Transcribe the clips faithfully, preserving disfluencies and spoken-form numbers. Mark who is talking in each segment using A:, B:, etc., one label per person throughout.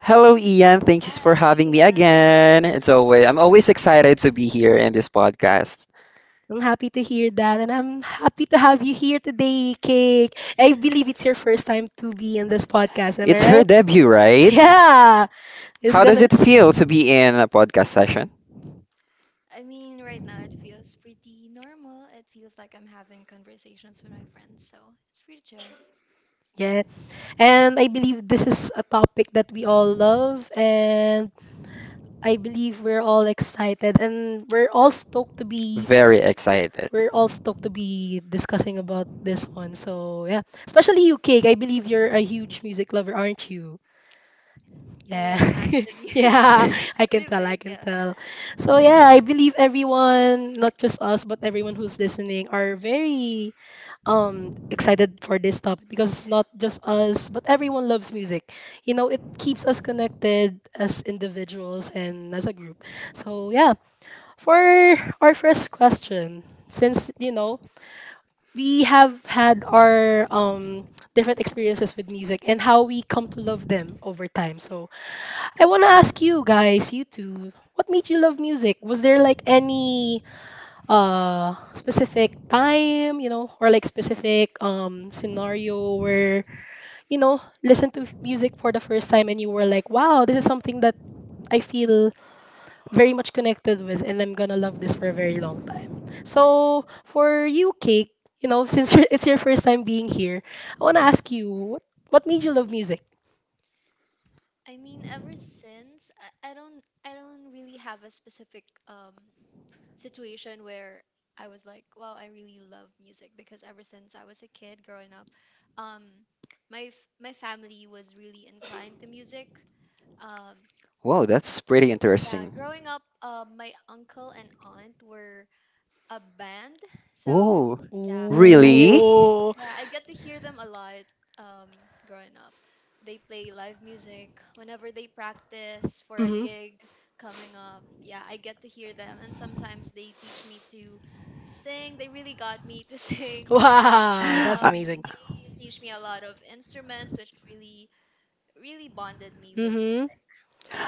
A: Hello, Ian. Thanks for having me again. It's always I'm always excited to be here in this podcast. It's her debut, right? How does it feel to be in a podcast session? Very excited. Whoa, that's pretty interesting. Oh, really? I,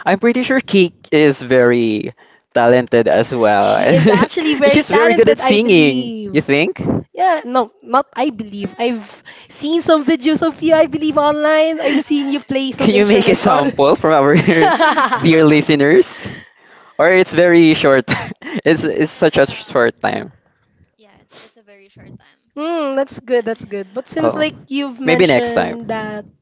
A: I'm pretty sure Cake is very talented as well. And she's very good at singing, you think? Can you make a sample for our dear listeners? Or it's very short. It's it's such a short time. Oh. Maybe next time.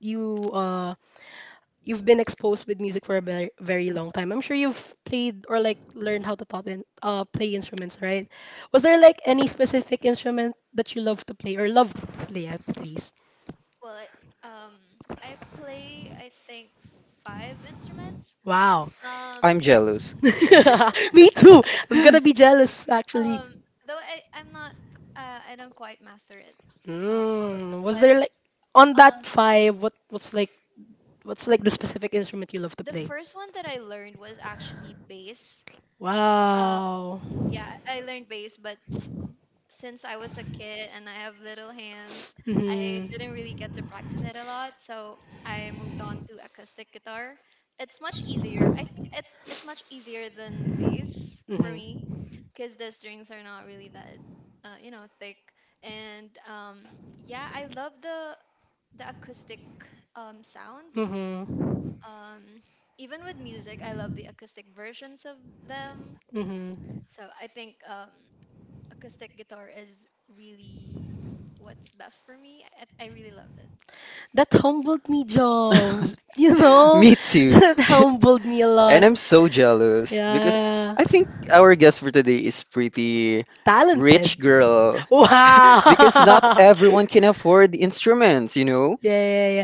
A: I'm jealous. Me too. And I'm so jealous because I think our guest for today is pretty rich girl. Because not everyone can afford the instruments, you know?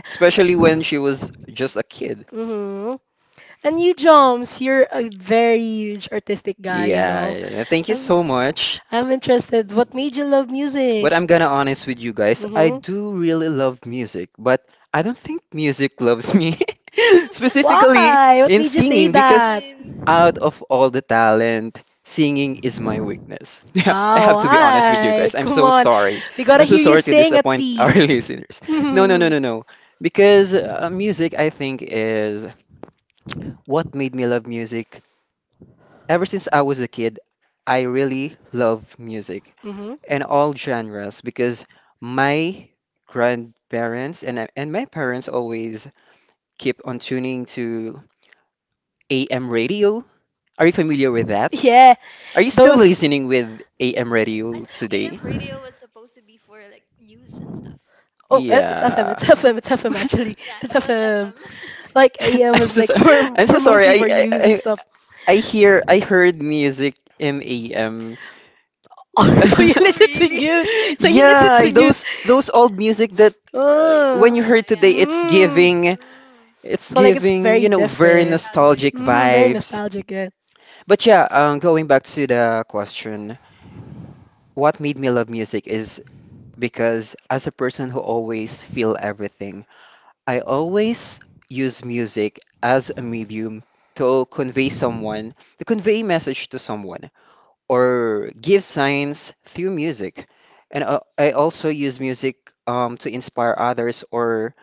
A: Especially when she was just a kid. Yeah, yeah, thank you so much. But I'm gonna honest with you guys. I do really love music, but I don't think music loves me. Specifically in singing, because out of all the talent, singing is my weakness. Yeah, I have to be honest with you guys. I'm so sorry. I'm so sorry to disappoint our listeners. No, no, no, no, no. Because uh, music, I think, is what made me love music? Ever since I was a kid, I really love music and all genres because my grandparents and and my parents always keep on tuning to A M radio. Are you familiar with that? Are you still listening with A M radio today? Yeah. I'm so sorry. I'm so sorry. I, I I I hear I heard music in A M. Yeah, those those old music that uh, when you heard today, it's giving it's giving, you know, very nostalgic vibes. But yeah, um, going back to the question, what made me love music is because as a person who always feel everything, I always use music as a medium to convey someone, to convey a message to someone. Or give signs through music. And uh, I also use music um, to inspire others or,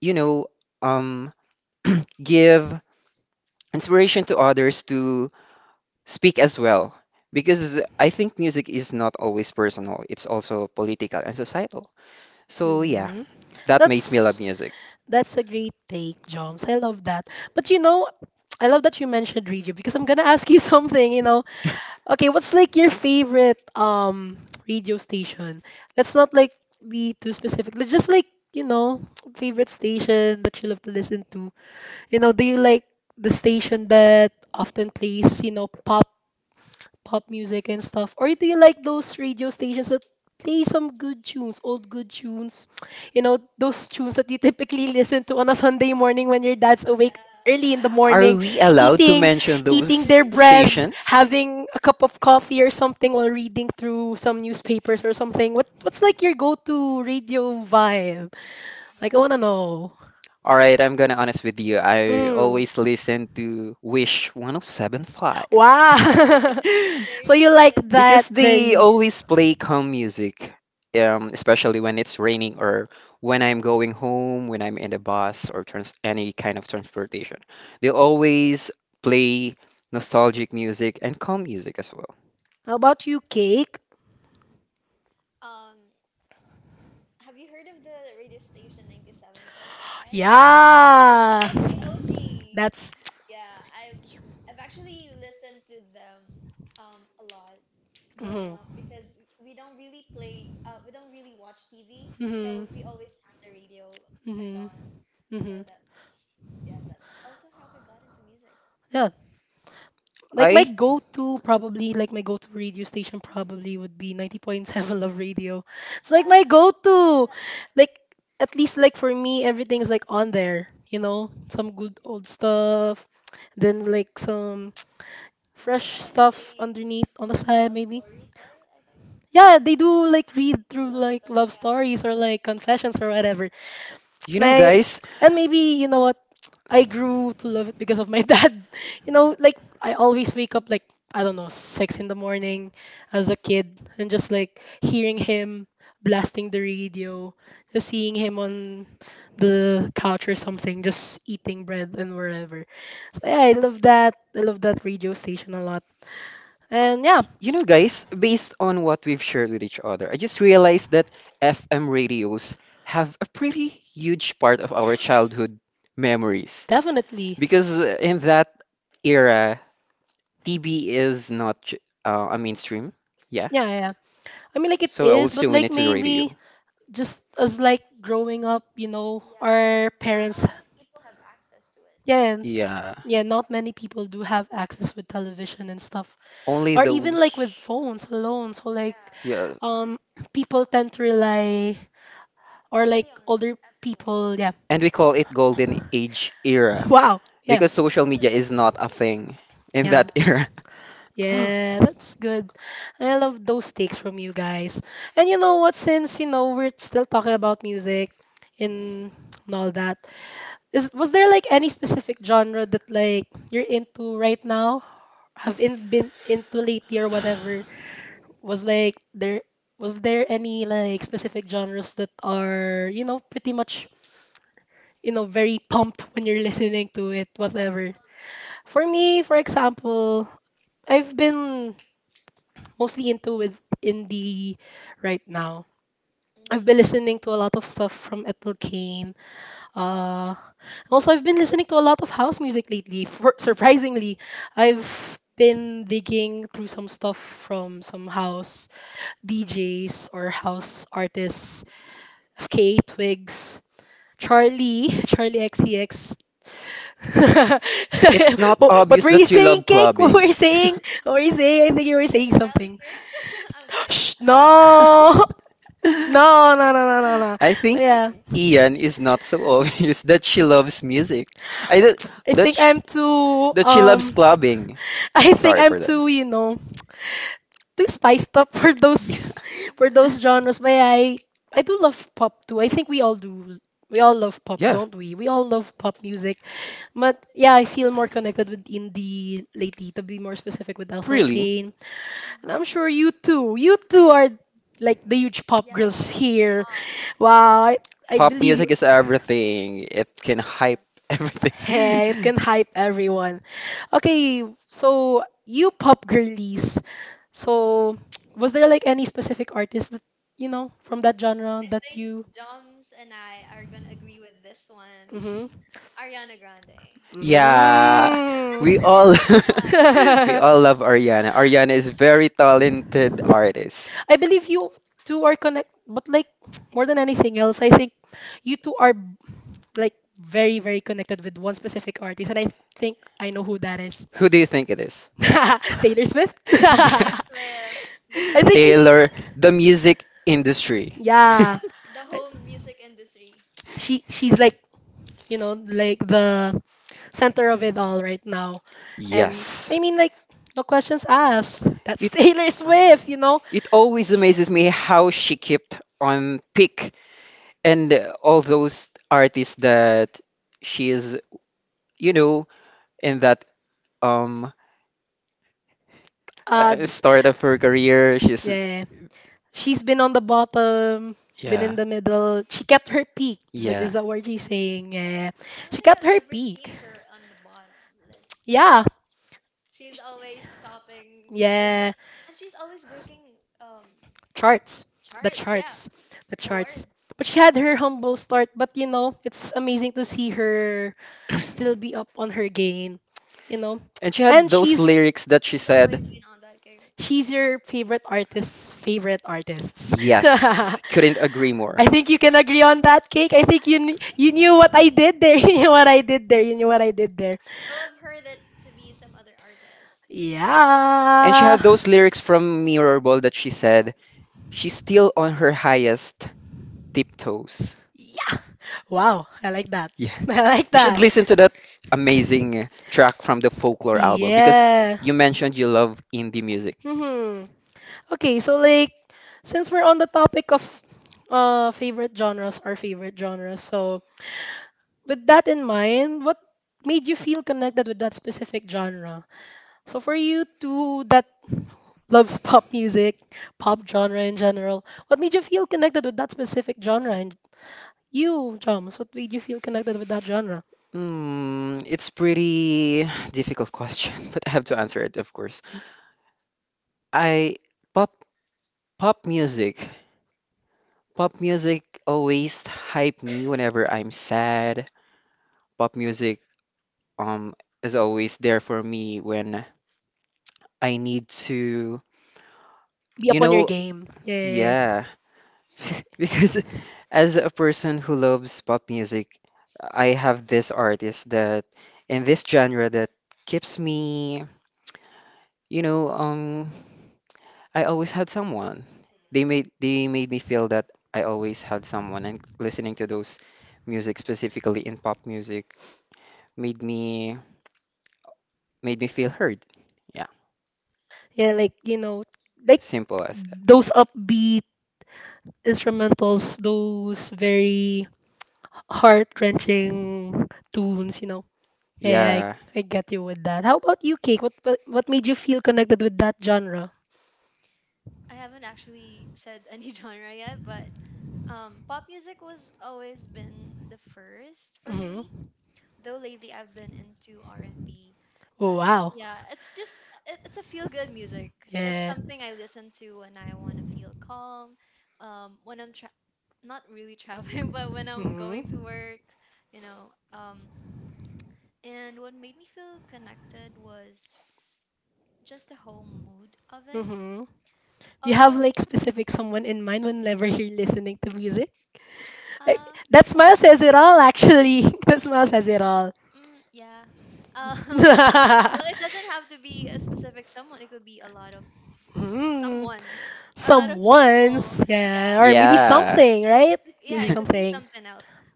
A: you know, um, give inspiration to others to speak as well. Because I think music is not always personal, it's also political and societal. So, yeah, that makes me love music. Are we allowed to mention those stations? All right, I'm gonna honest with you. I always listen to Wish one oh seven point five because they always play calm music, um, especially when it's raining or when I'm going home, when I'm in the bus or trans any kind of transportation. They always play nostalgic music and calm music as well. I You know, guys, You know, guys, based on what we've shared with each other, I just realized that F M radios have a pretty huge part of our childhood memories. Because uh, in that era, T V is not j- uh, a mainstream. Yeah. So I will still win it to the radio. Yeah, only those. Yeah, and we call it golden age era because social media is not a thing in that era. It's not obvious that you love clubbing. I think Ian is not so obvious that she loves music. I don't, that she, that she loves clubbing. Sorry for that. Yeah. Yeah. Really? Pop music is everything. It can hype everything. Yeah, we all we all love Ariana. Ariana is a very talented artist. Who do you think it is? Yeah. Taylor, the music industry. Yes. It it always amazes me how she kept on peak and uh, all those artists that she is, you know, in that um uh, start of her career, she's yeah, yeah. And she had those lyrics that she said, yes, couldn't agree more. And she had those lyrics from Mirrorball that she said, she's still on her highest tiptoes. Yeah. You should listen to that amazing track from the Folklore album because you mentioned you love indie music. Hmm, it's pretty difficult question, but I have to answer it, of course. I pop pop music. Pop music always hype me whenever I'm sad. Pop music um is always there for me when I need to, you know, yeah. Because as a person who loves pop music, I have this artist that in this genre that keeps me, you know, um, I always had someone. They made they made me feel that I always had someone, and listening to those music specifically in pop music made me made me feel heard. Yeah, simple as that. Yeah, yeah.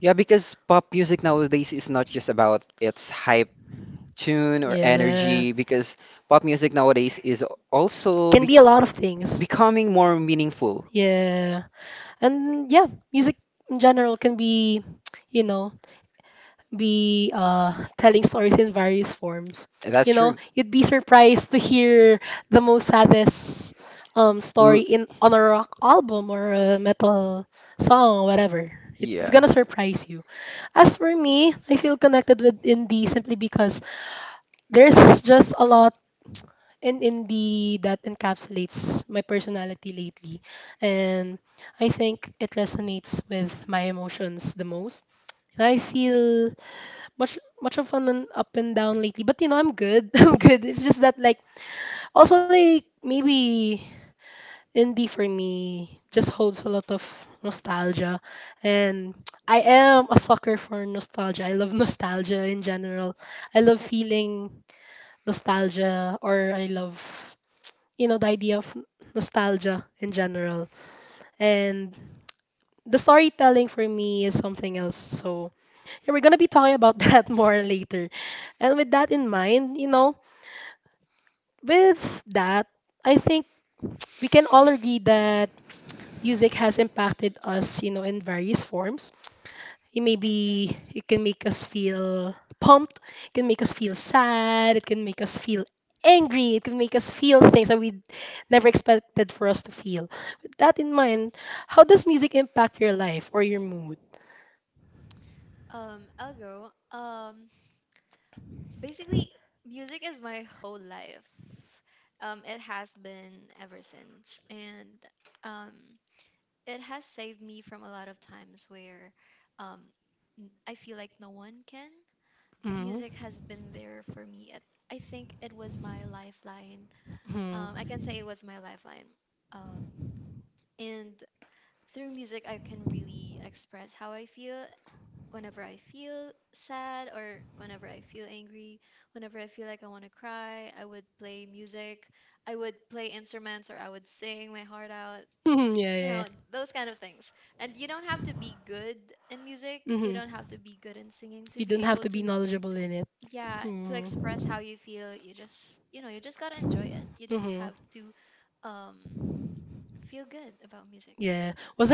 A: Yeah, because pop music nowadays is not just about its hype tune or energy, because pop music nowadays is also be becoming more meaningful. That's true. L- yeah,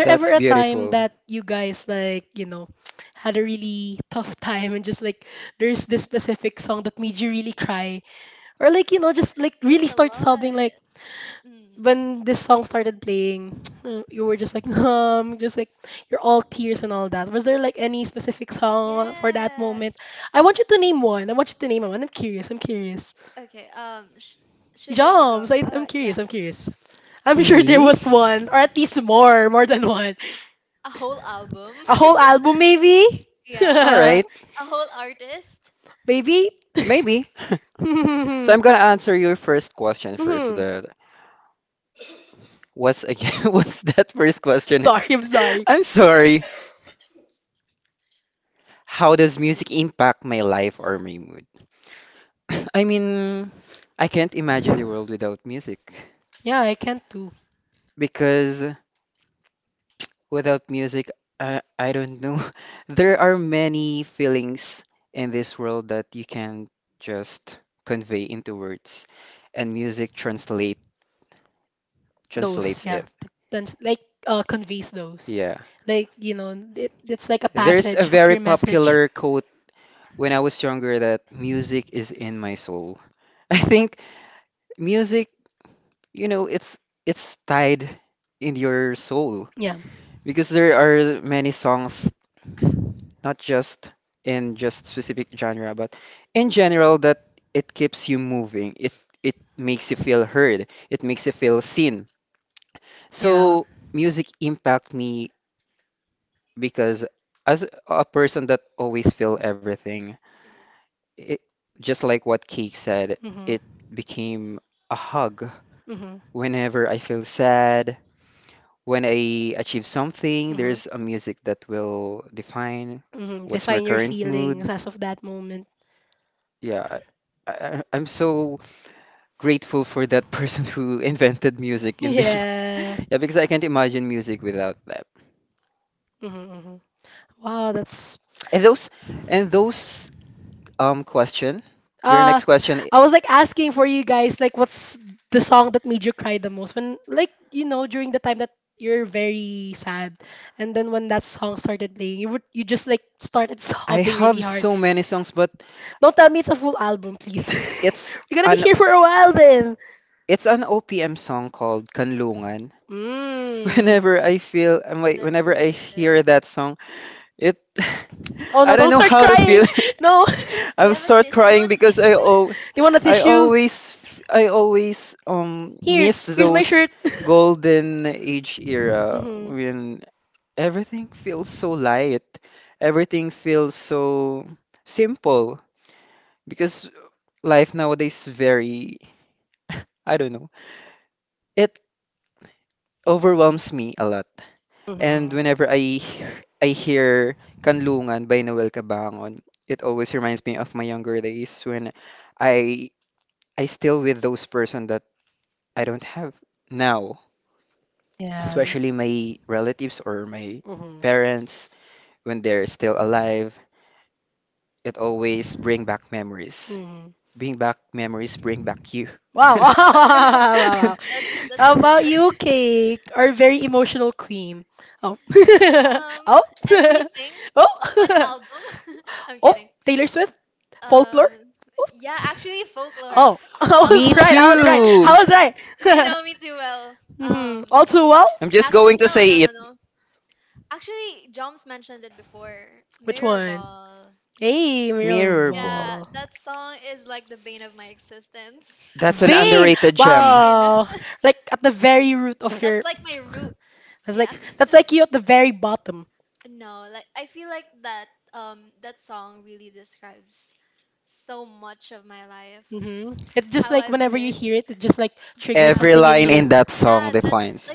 A: that's beautiful. Me? All right, maybe. So I'm gonna answer your first question first, the, what's again? What's that first question? Again? I'm sorry. How does music impact my life or my mood? I mean, I can't imagine the world without music because without music, I, I don't know. There are many feelings in this world that you can just convey into words, and music translate translates it. Yeah. There's a very popular quote when I was younger that music is in my soul. I think music, you know, it's it's tied in your soul because there are many songs, not just in just specific genre, but in general that it keeps you moving. It it makes you feel heard. It makes you feel seen. So music impact me because as a person that always feel everything, it just like what Keek said, it became a hug. Whenever I feel sad, when I achieve something, there's a music that will define what's my current mood. Yeah, I, I, I'm so grateful for that person who invented music in this. wor- Yeah, because I can't imagine music without that. And those and those um question, your next question, I have so many songs, but it's an it's an O P M song called Kanlungan. Whenever I feel, um, wait, whenever I hear that song, it, I don't know how to feel. I will start crying because I oh, I always, f- I always um yes, miss those golden age era when everything feels so light, everything feels so simple because life nowadays is very, I don't know, it overwhelms me a lot. And whenever I I hear Kanlungan by Noel Cabangon, it always reminds me of my younger days when I I still with those person that I don't have now, especially my relatives or my parents when they're still alive. It always bring back memories. Bring back memories, bring back you. Me too. I'm just going to say it. Mirror Ball. That's an underrated gem. Every line in that song defines.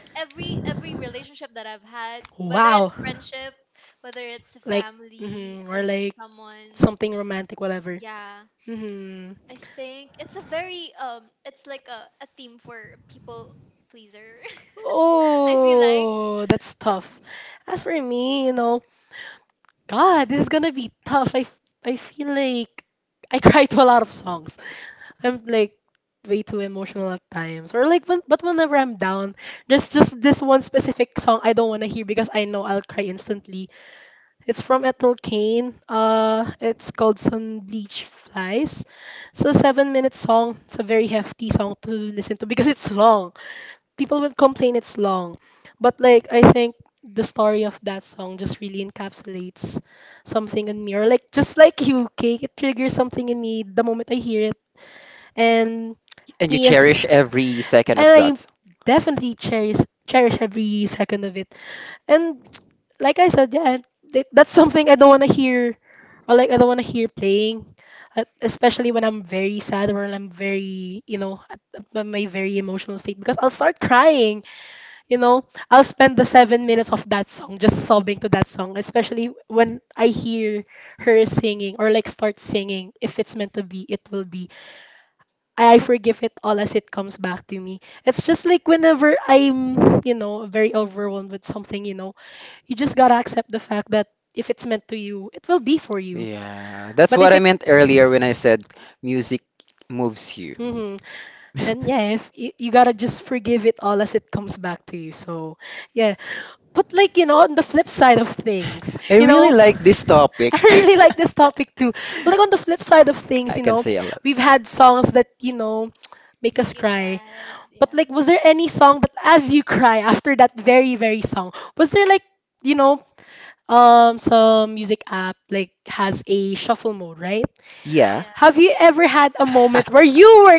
A: And you cherish every second of that. Yeah, that's what I meant earlier when I said music moves you. I really like this topic. I can say a lot. Yeah.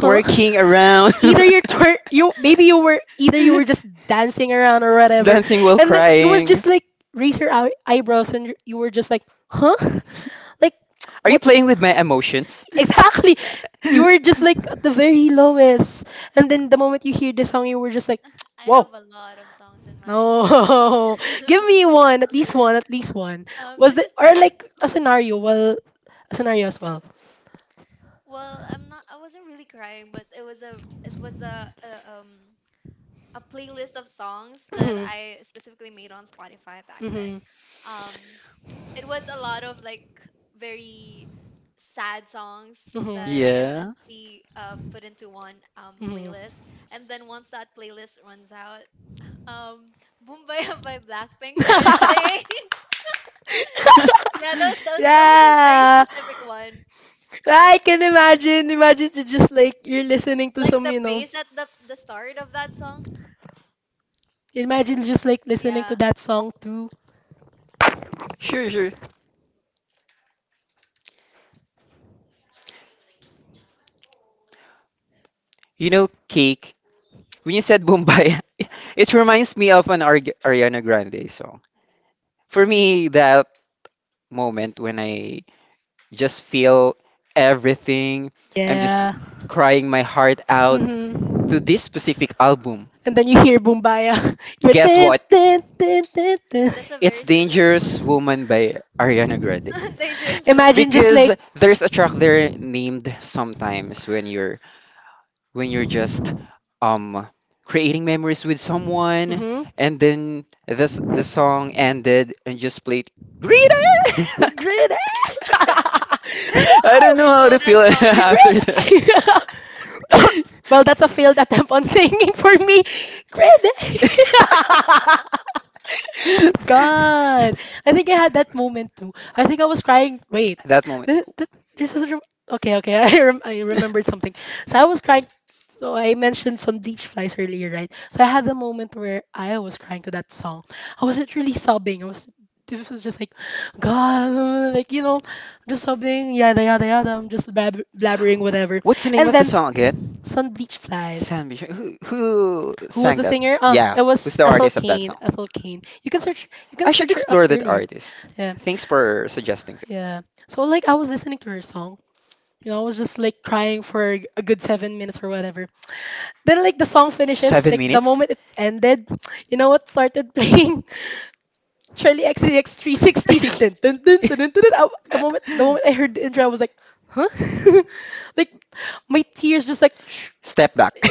A: Twerking around. Dancing while crying. Are you playing with my emotions? Yeah. Sure, sure. You know, Cake, when you said Bombay, it reminds me of an Ar Ariana Grande song. For me, that moment when I just feel everything, I'm just crying my heart out to this specific album. Guess what? It's Dangerous Woman by Ariana Grande. Because there's a track there named sometimes when you're when you're just um creating memories with someone and then this the song ended and just played Greta. I don't know how to feel after that that moment again? Sandy. Sh- Who who Who's All right. Up. That artist. Yeah, thanks for suggesting. To- Step back.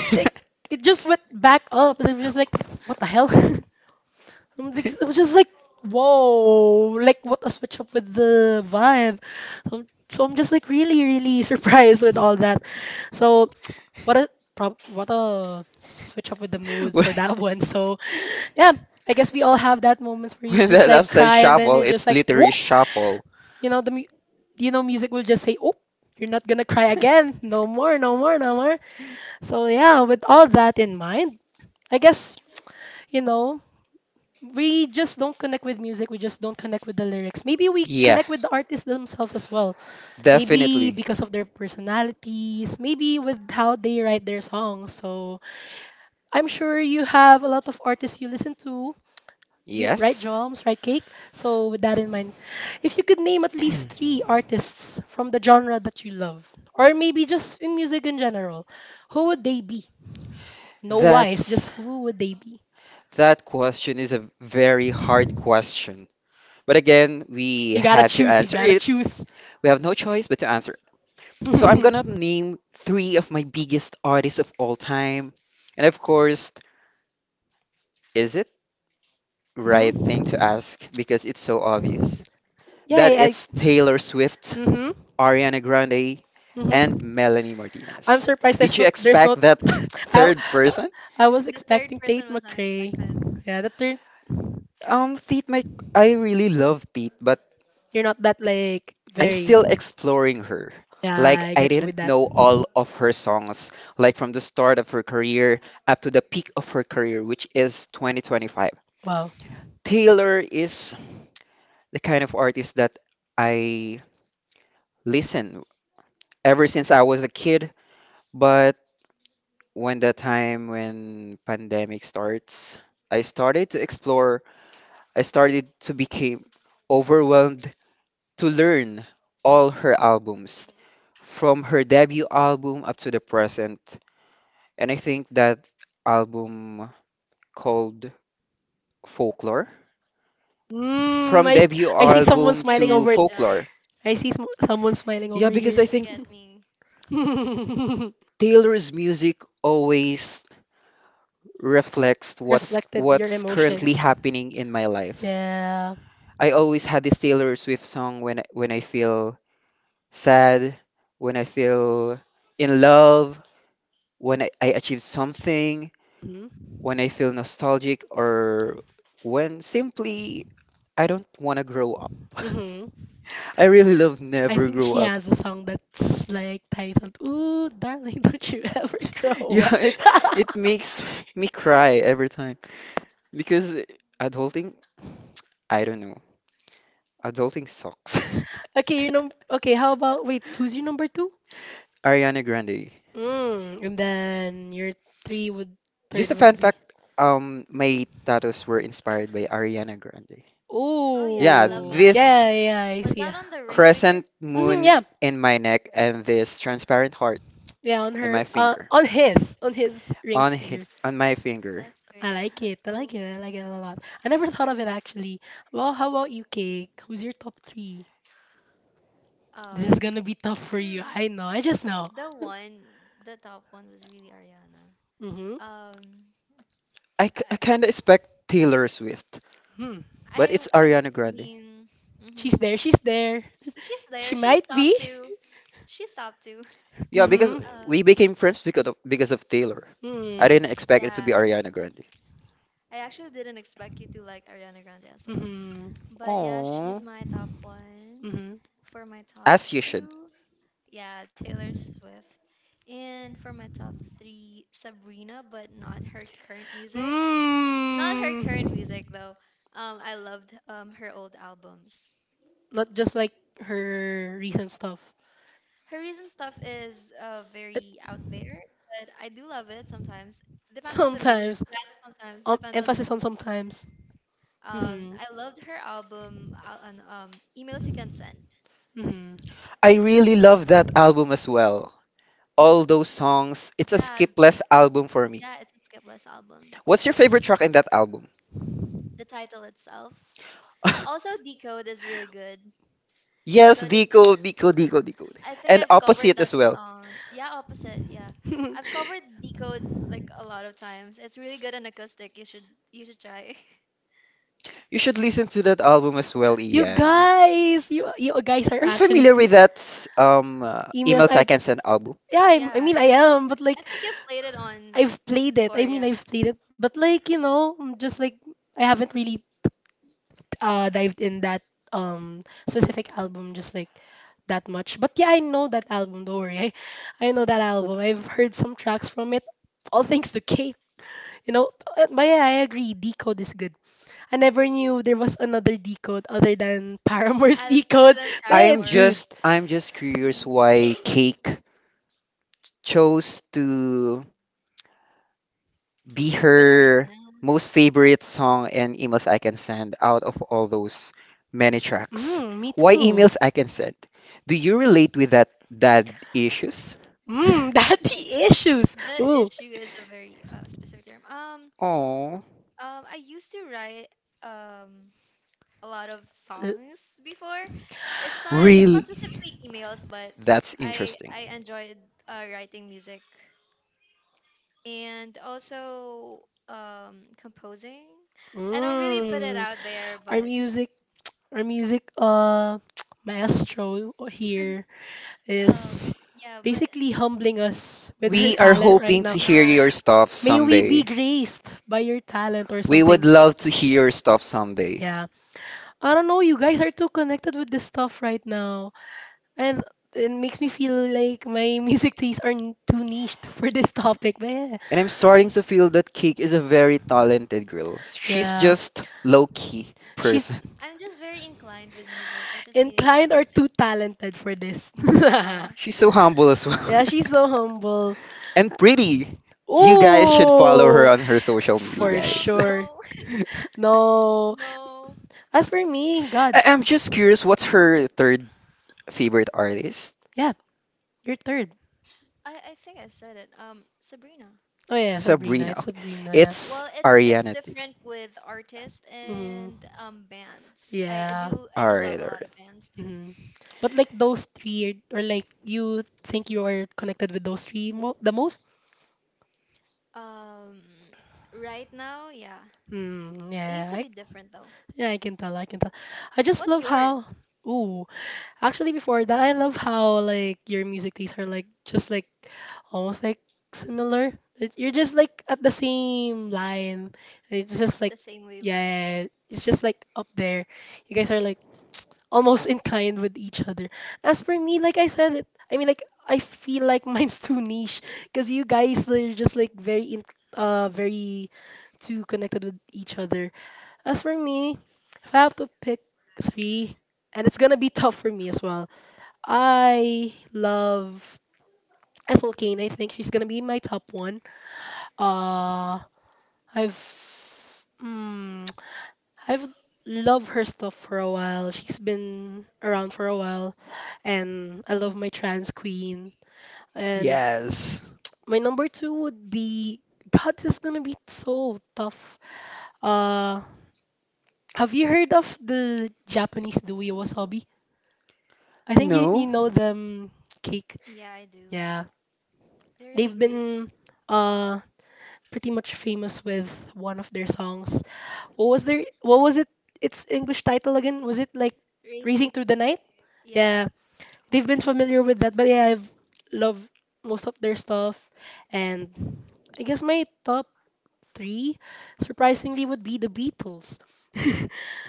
A: With that upset shuffle, it's literally shuffle. Yes, definitely. Yes. That's that question is a very hard question. But again, we had to answer it. We have no choice but to answer. So I'm gonna name three of my biggest artists of all time. And of course, is it right thing to ask because it's so obvious that it's Taylor Swift, Ariana Grande, and Melanie Martinez. Did you expect that third person? Um, Teet, my I really love Teet, but I'm still exploring her. Like I didn't know all of her songs, like from the start of her career up to the peak of her career, which is twenty twenty-five. Taylor is the kind of artist that I listen ever since I was a kid. But when the time when pandemic starts, I started to explore. I started to become overwhelmed to learn all her albums from her debut album up to the present. And I think that album called Folklore. From debut album to Folklore. Yeah, because I think Taylor's music always reflects what's what's currently happening in my life. I always had this Taylor Swift song when when I feel sad, when I feel in love, when I, I achieve something, when I feel nostalgic, or when simply I don't want to grow up. I really love Never Grow Up. Yeah, it it makes me cry every time because adulting, I don't know. Adulting sucks. Ariana Grande. Just a fun fact, um, my tattoos were inspired by Ariana Grande. Yeah, this crescent moon in my neck and this transparent heart in my finger. On hi- on my finger. I, k- I kind of expect Taylor Swift, but it's Ariana Grande. Yeah, because we became friends because of, because of Taylor. I didn't expect it to be Ariana Grande. Oh, as you should. I really love that album as well. All those songs, it's a skipless album for me. What's your favorite track in that album? Yes, Deco, Deco, Deco, Deco. And Opposite as well. You should listen to that album as well, Ian. Are you familiar with that um uh, Email Seconds and album? I'm just I'm just curious why Cake chose to be her most favorite song and emails I can send out of all those many tracks. Why emails I can send? Do you relate with that dad issues? Oh, really? That's interesting. We are hoping to hear your stuff someday. We would love to hear your stuff someday. And I'm starting to feel that Cake is a very talented girl. She's just low key person. She's so humble as well. And pretty. You guys should follow her on her social media, guys. I- I'm just curious, what's her third favorite artist? Sabrina. Okay. It's Ariana. Too. All right, all right. Yes. No.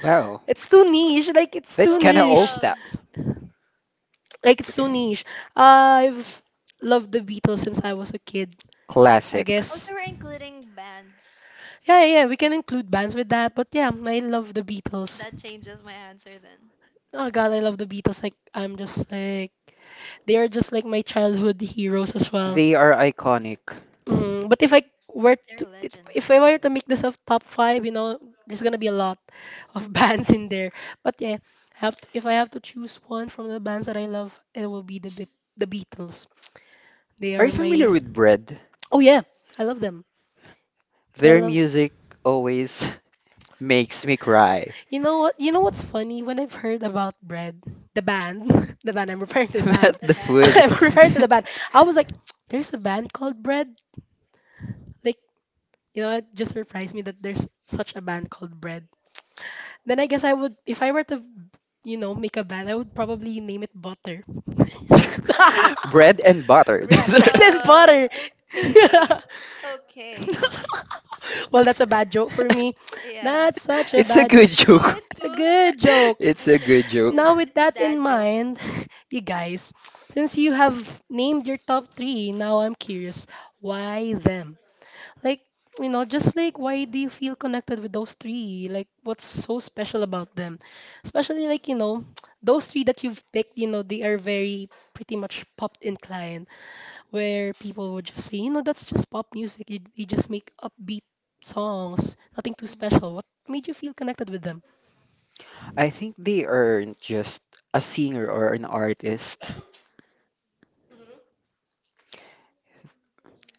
A: Wow, that's kind of old stuff. Classic. They are iconic. Are you familiar with Bread? Their music always makes me cry. Not the food. Bread and butter. It's a good joke. It's a good joke. I think they aren't just a singer or an artist.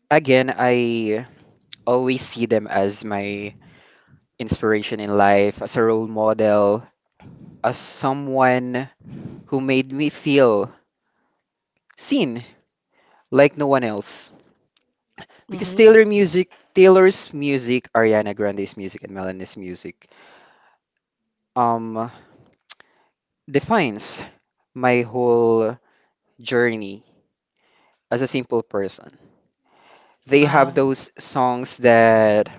A: Again, I always see them as my inspiration in life, as a role model, as someone who made me feel seen like no one else. Because Taylor music, Taylor's music, Ariana Grande's music, and Melanie's music, um, defines my whole journey as a simple person. They have those songs that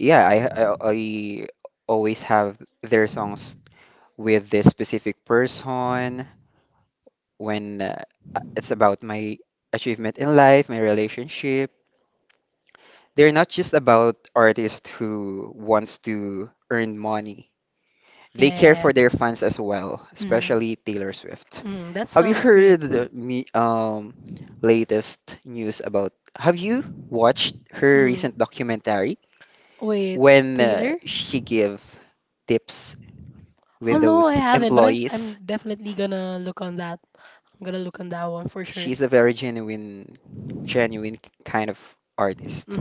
A: yeah, I, I I always have their songs with this specific person when uh, it's about my achievement in life, my relationship. They're not just about artists who wants to earn money. They care for their fans as well, especially Taylor Swift. Have you heard the me um latest news about? Have you watched her recent documentary when uh, she gave tips with those employees. She's a very genuine, genuine kind of artist.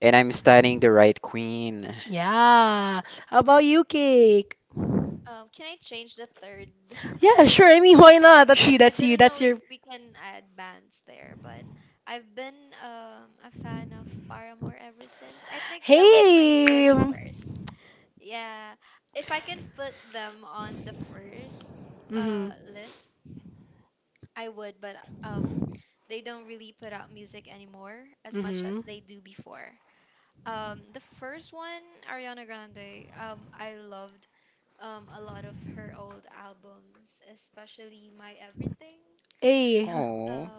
A: And I'm studying the right queen. Oh,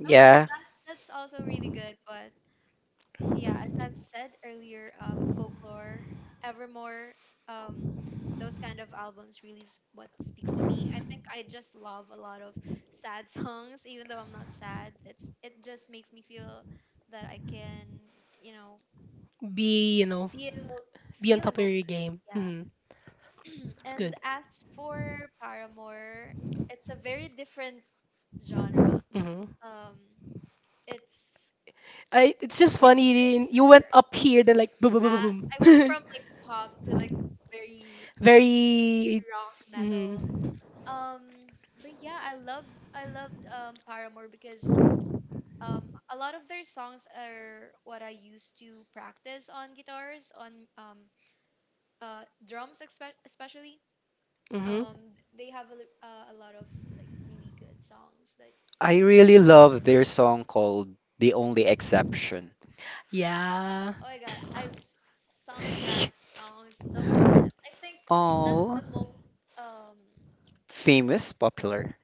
A: yeah. I really love their song called The Only Exception. Oh, famous, popular.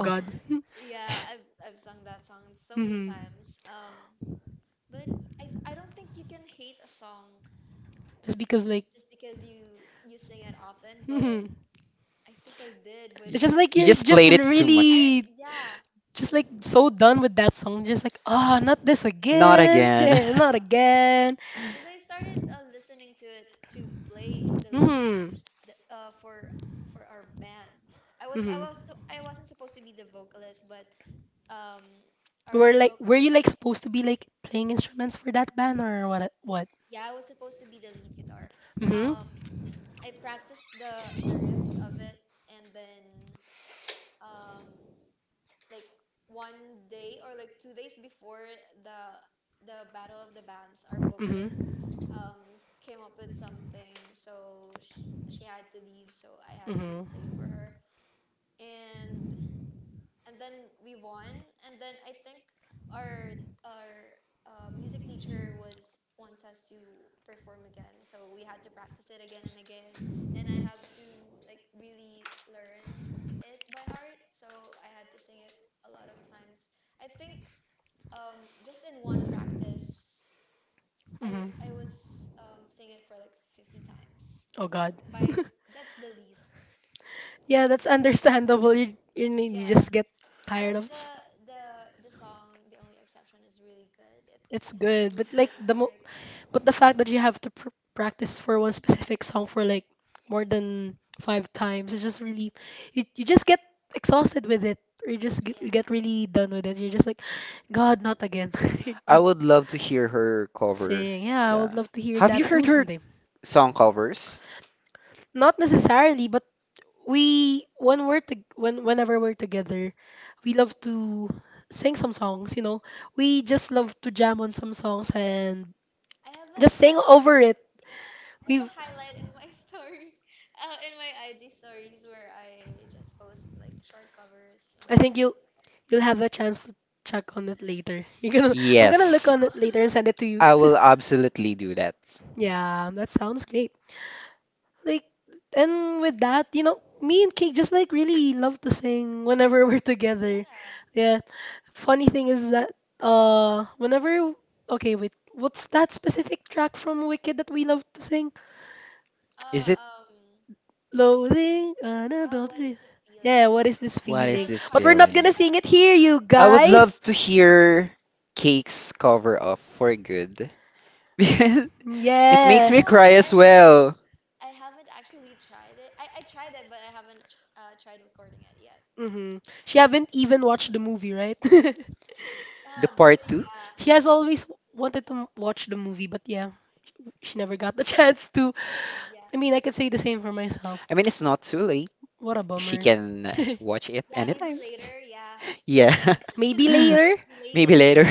A: Oh. You, you just played it too much. Not again. I would love to hear her cover. Yeah. Have you heard her song covers? Yes. I will absolutely do that. Is it what is this feeling? I would love to hear Cake's cover of For Good. Because it makes me cry as well. The part two. I mean, it's not too late. She can uh, watch it anytime. Yeah. Maybe later.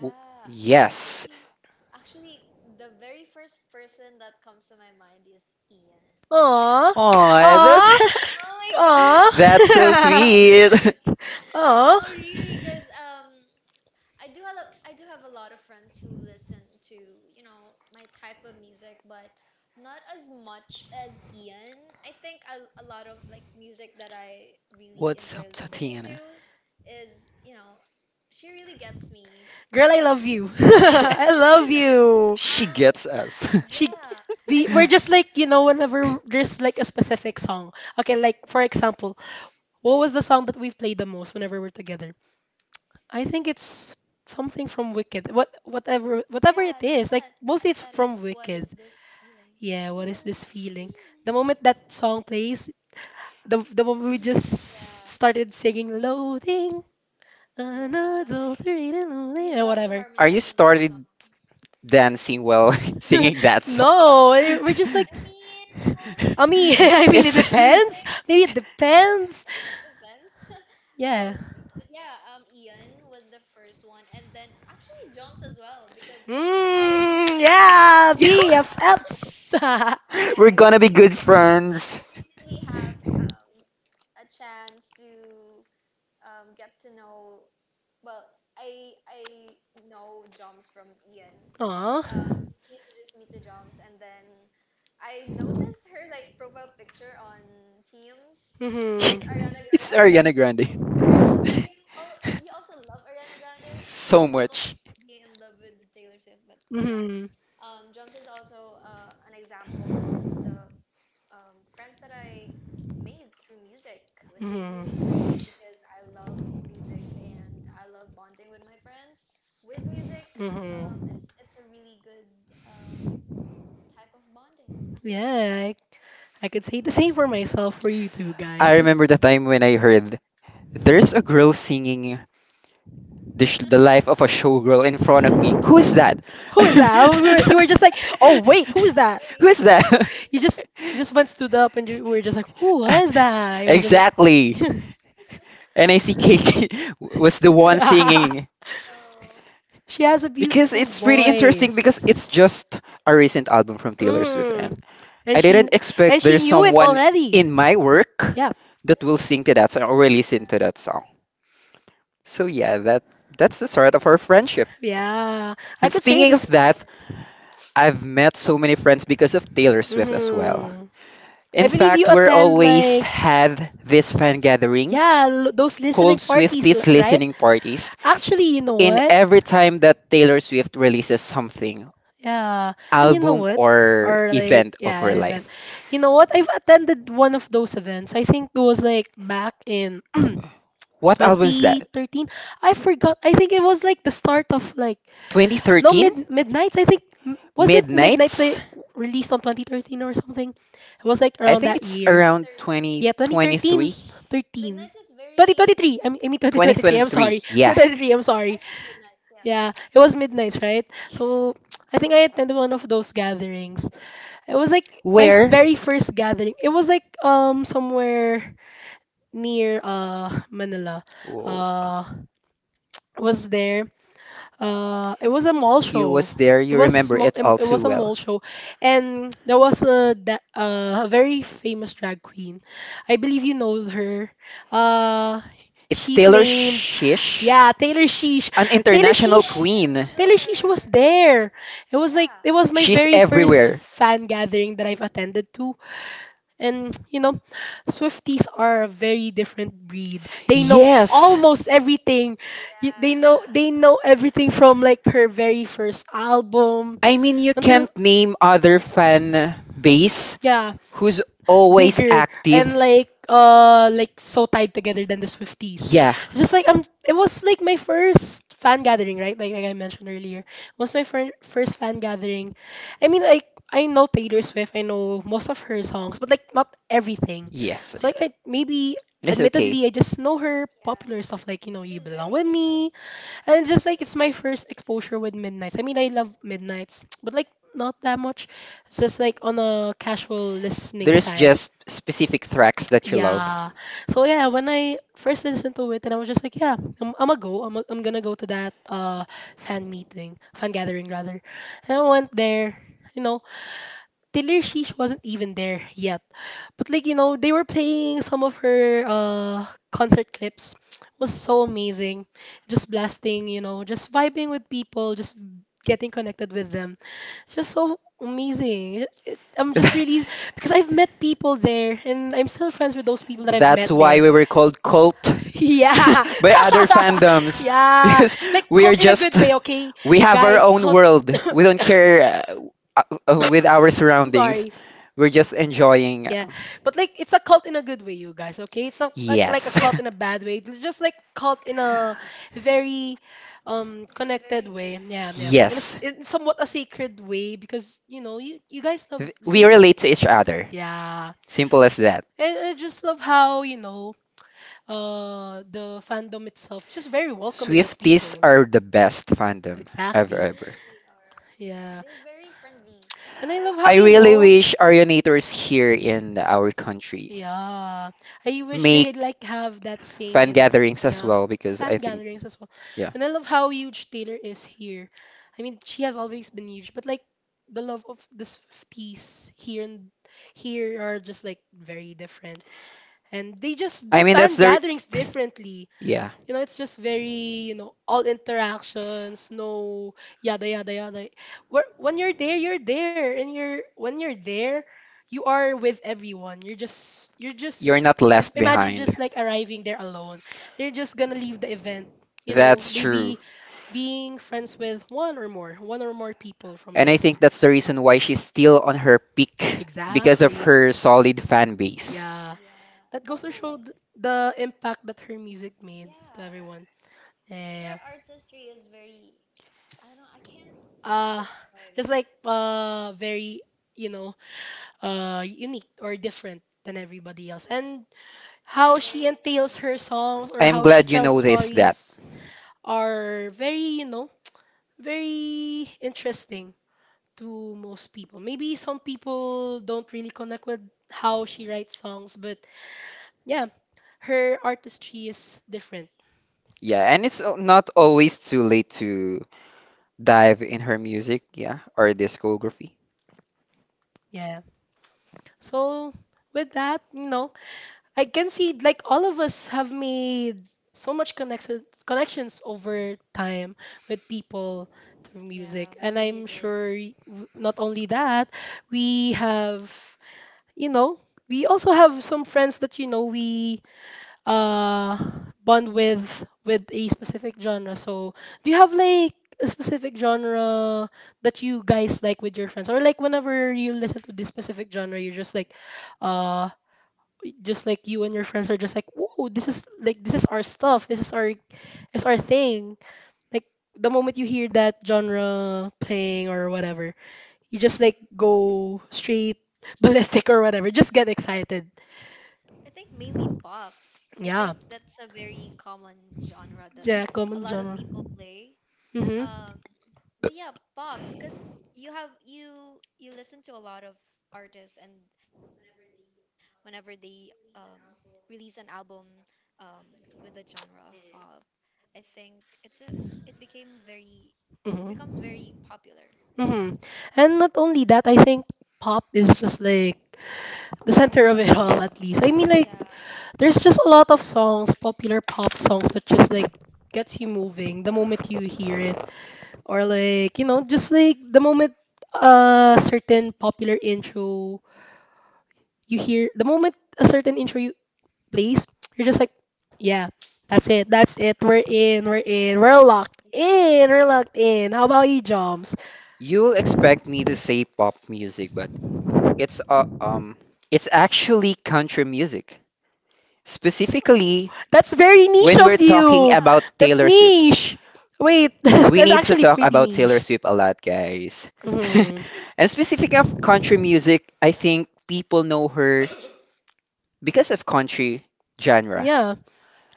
A: W- Yes. Aw, that's, that's so sweet. What's up, Tatiana? Yeah, she gets us. Are you started dancing while singing that song? It's we're gonna be good friends. It's Ariana Grande. So much. I remember the time when I heard there's a girl singing the, sh- the life of a showgirl in front of me. Who is that? Who is that? Exactly. And I see Cake was the one singing. Because it's pretty interesting because it's just a recent album from Taylor Swift and I didn't expect there's someone in my work that will sing to that song or will listen to that song. So yeah, that that's the start of our friendship. And speaking of that, I've met so many friends because of Taylor Swift as well. In fact, we're always have this fan gathering called Swifties listening parties. In every time that Taylor Swift releases something, album or event of her life. What album is that? twenty thirteen? Midnights? I think it's around twenty twenty-three. twenty twenty-three, yeah. Where? Oh, you was there. You remember it all too well. It's Taylor Shish, an international queen. She's everywhere. Yes.
B: Yeah.
A: I mean, you can't name other fan base who's always active. Yeah, yes, yeah. And it's okay. There's just specific tracks that you love. That's why we were called cult by other fandoms because we are just we have our own world. We don't care uh, uh, with our surroundings. We're just enjoying. Yes. Yes. Th- We relate to each other. Simple as that. Swifties are the best fandom ever, ever. I really wish Arionators here in our country make fan gatherings as well because I think, yeah. I mean, that's the. re- Yeah. You're just not left behind. That's true. And I your think that's the reason why she's still on her peak exactly. because exactly. of her solid fan base. I'm glad you noticed that. Yeah, and it's al- not always too late to dive in her music, yeah, or discography. You'll expect me to say pop music, but it's uh, um it's actually country music. Specifically, when we're talking about Taylor Swift. We need to talk about Taylor Swift a lot, guys. And specific of country music, I think people know her because of country genre.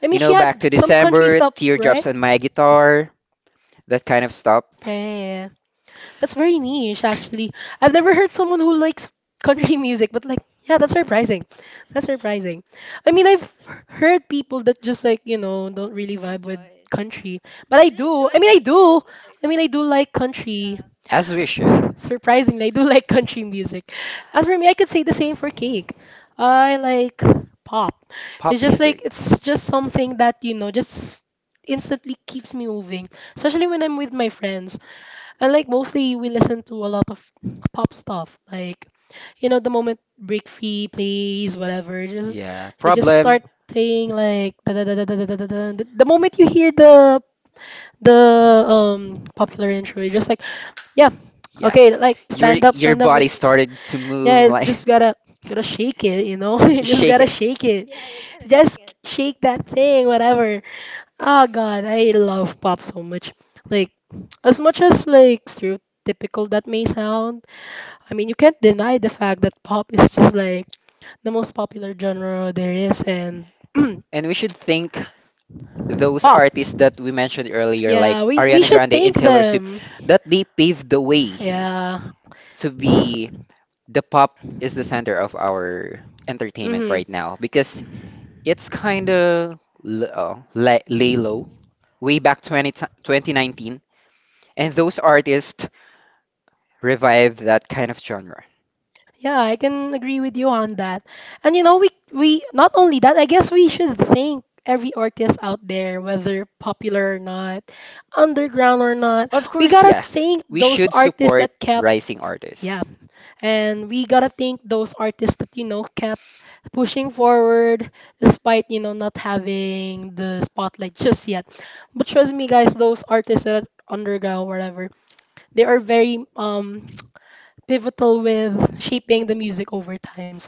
A: You know, back to December, teardrops on my guitar, that kind of stuff. As we should. Pop music. Yeah, problem. Yeah. Your your body started to move like you shake it. And we should think those artists that we mentioned earlier, like Ariana Grande and Taylor Swift, that they paved the way to be the pop is the center of our entertainment right now because it's kind of l- uh, la- lay low way back twenty, t- twenty nineteen. And those artists revive that kind of genre? Of course, yes. We should support rising artists,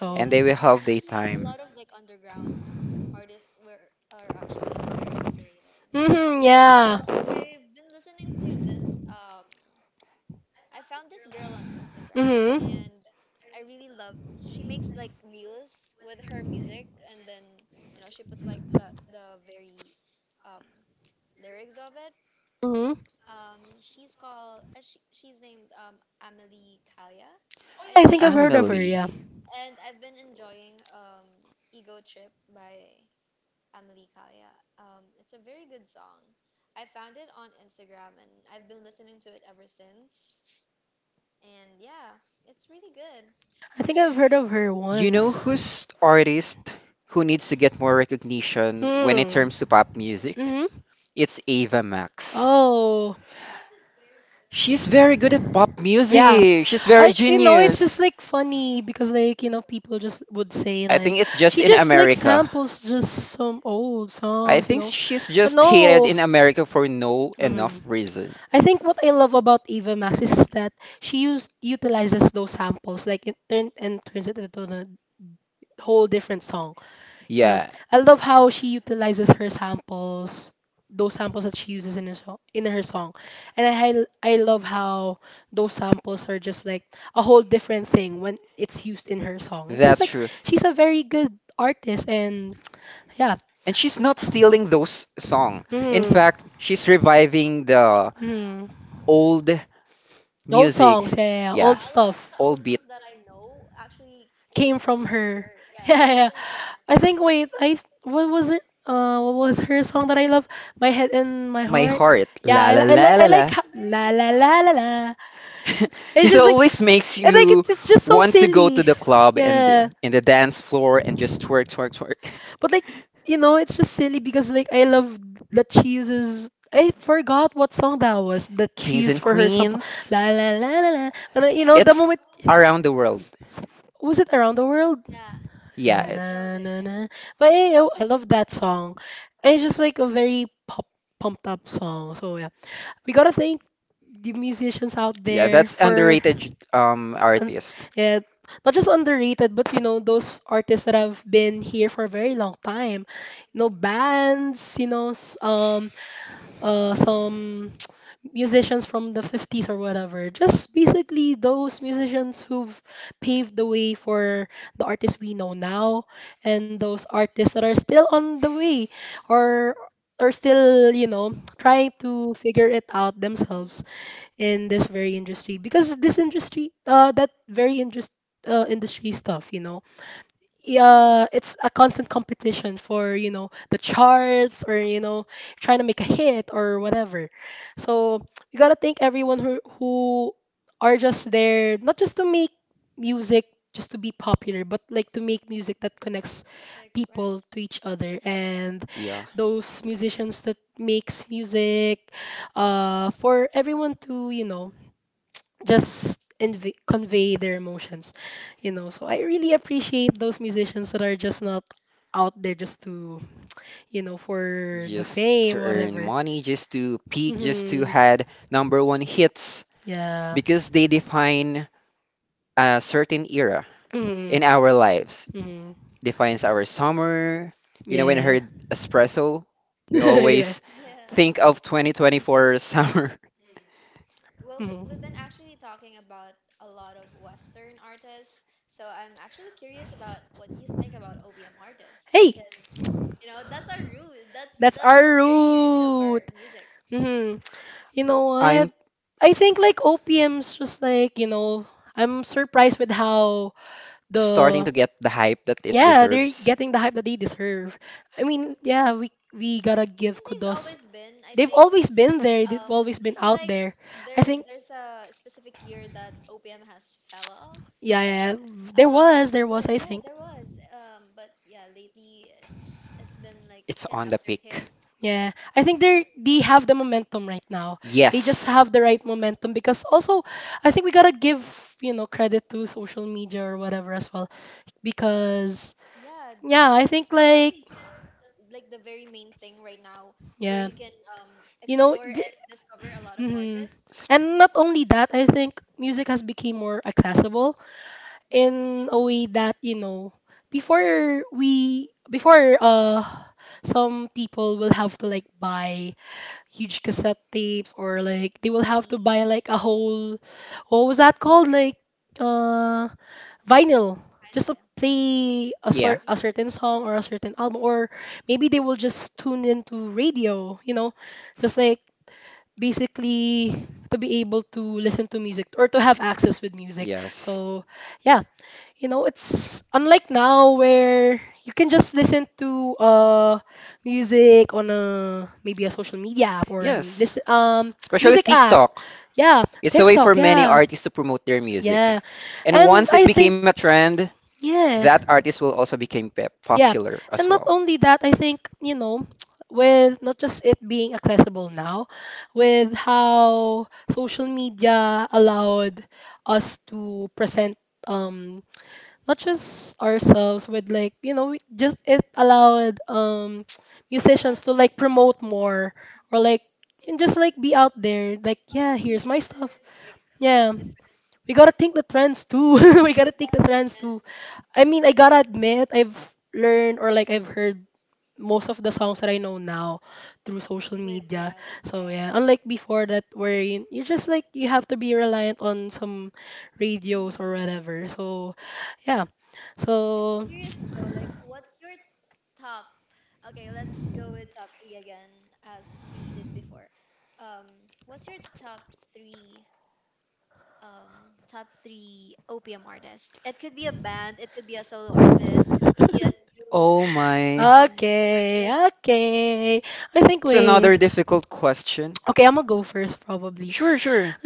A: and they will have their time. Amelie, you know who's artist who needs to get more recognition when it comes to pop music? It's Ava Max. She's very good at pop music. She's
B: Yeah,
A: very genius. I think it's just in America. I think she's just hated in America for no enough reason. Yeah, that's true. And she's not stealing those song. In fact, she's reviving the old music. Yeah,
B: yeah, a lot of the old
A: old beat.
B: songs that I know actually.
A: My heart, la la la la la. It always makes you want to go to the club and the- in the dance floor and just twerk, twerk, twerk. Kings and queens. It's around the world. Yeah, it's yeah. That's underrated j- um artist. Yeah. Just to earn money, just to peak, just to had number one hits because they define a certain era in our lives. Defines our summer. You know, when I heard espresso, we always think of twenty twenty-four summer. I'm starting to get the hype that it deserves. It's on the peak. They S- especially it's a way for many artists to promote their a trend, yeah that artist will also become pe yeah oh my. It's another difficult question. Sure, sure.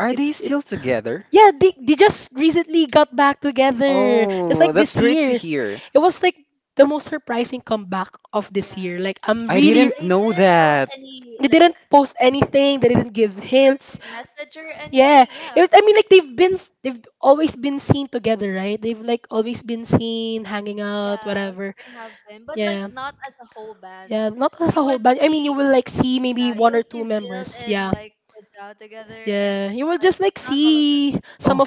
A: Are they still together? Oh, that's great to hear. I didn't know that. Oh,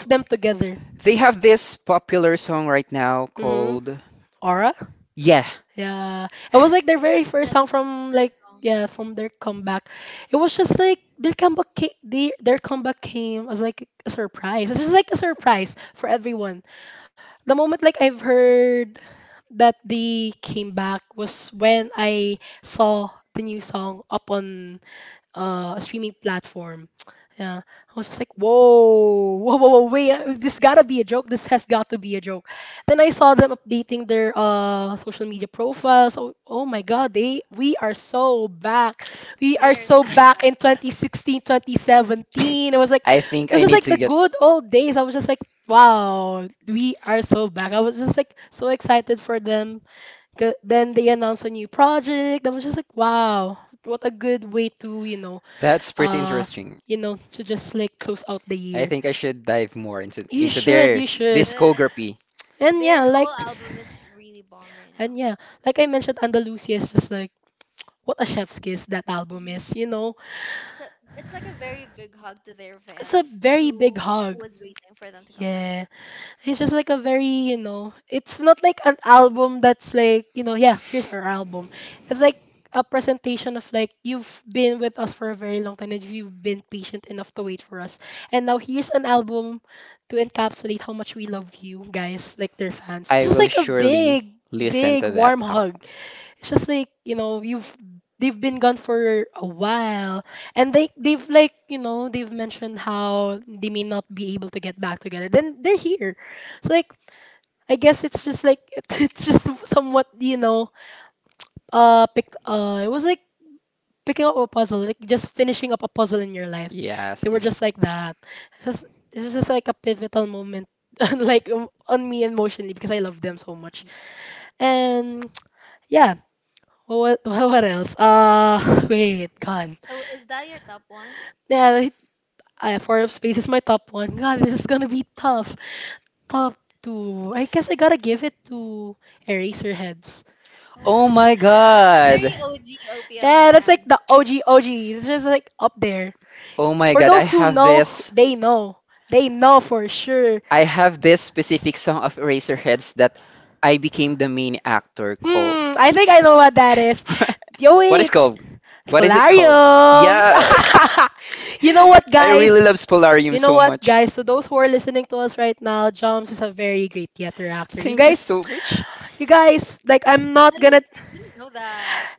A: they have this popular song right now called yeah. I think I need to get. That's pretty interesting. I think I should dive more into into their discography. I will surely listen to that album. Yes, yes. Oh my God. Oh my God. I have this. I have this specific song of Eraserheads that I became the main actor called. What is called? What is it called? Yeah. I really love Spolarium so much. Thank you so much.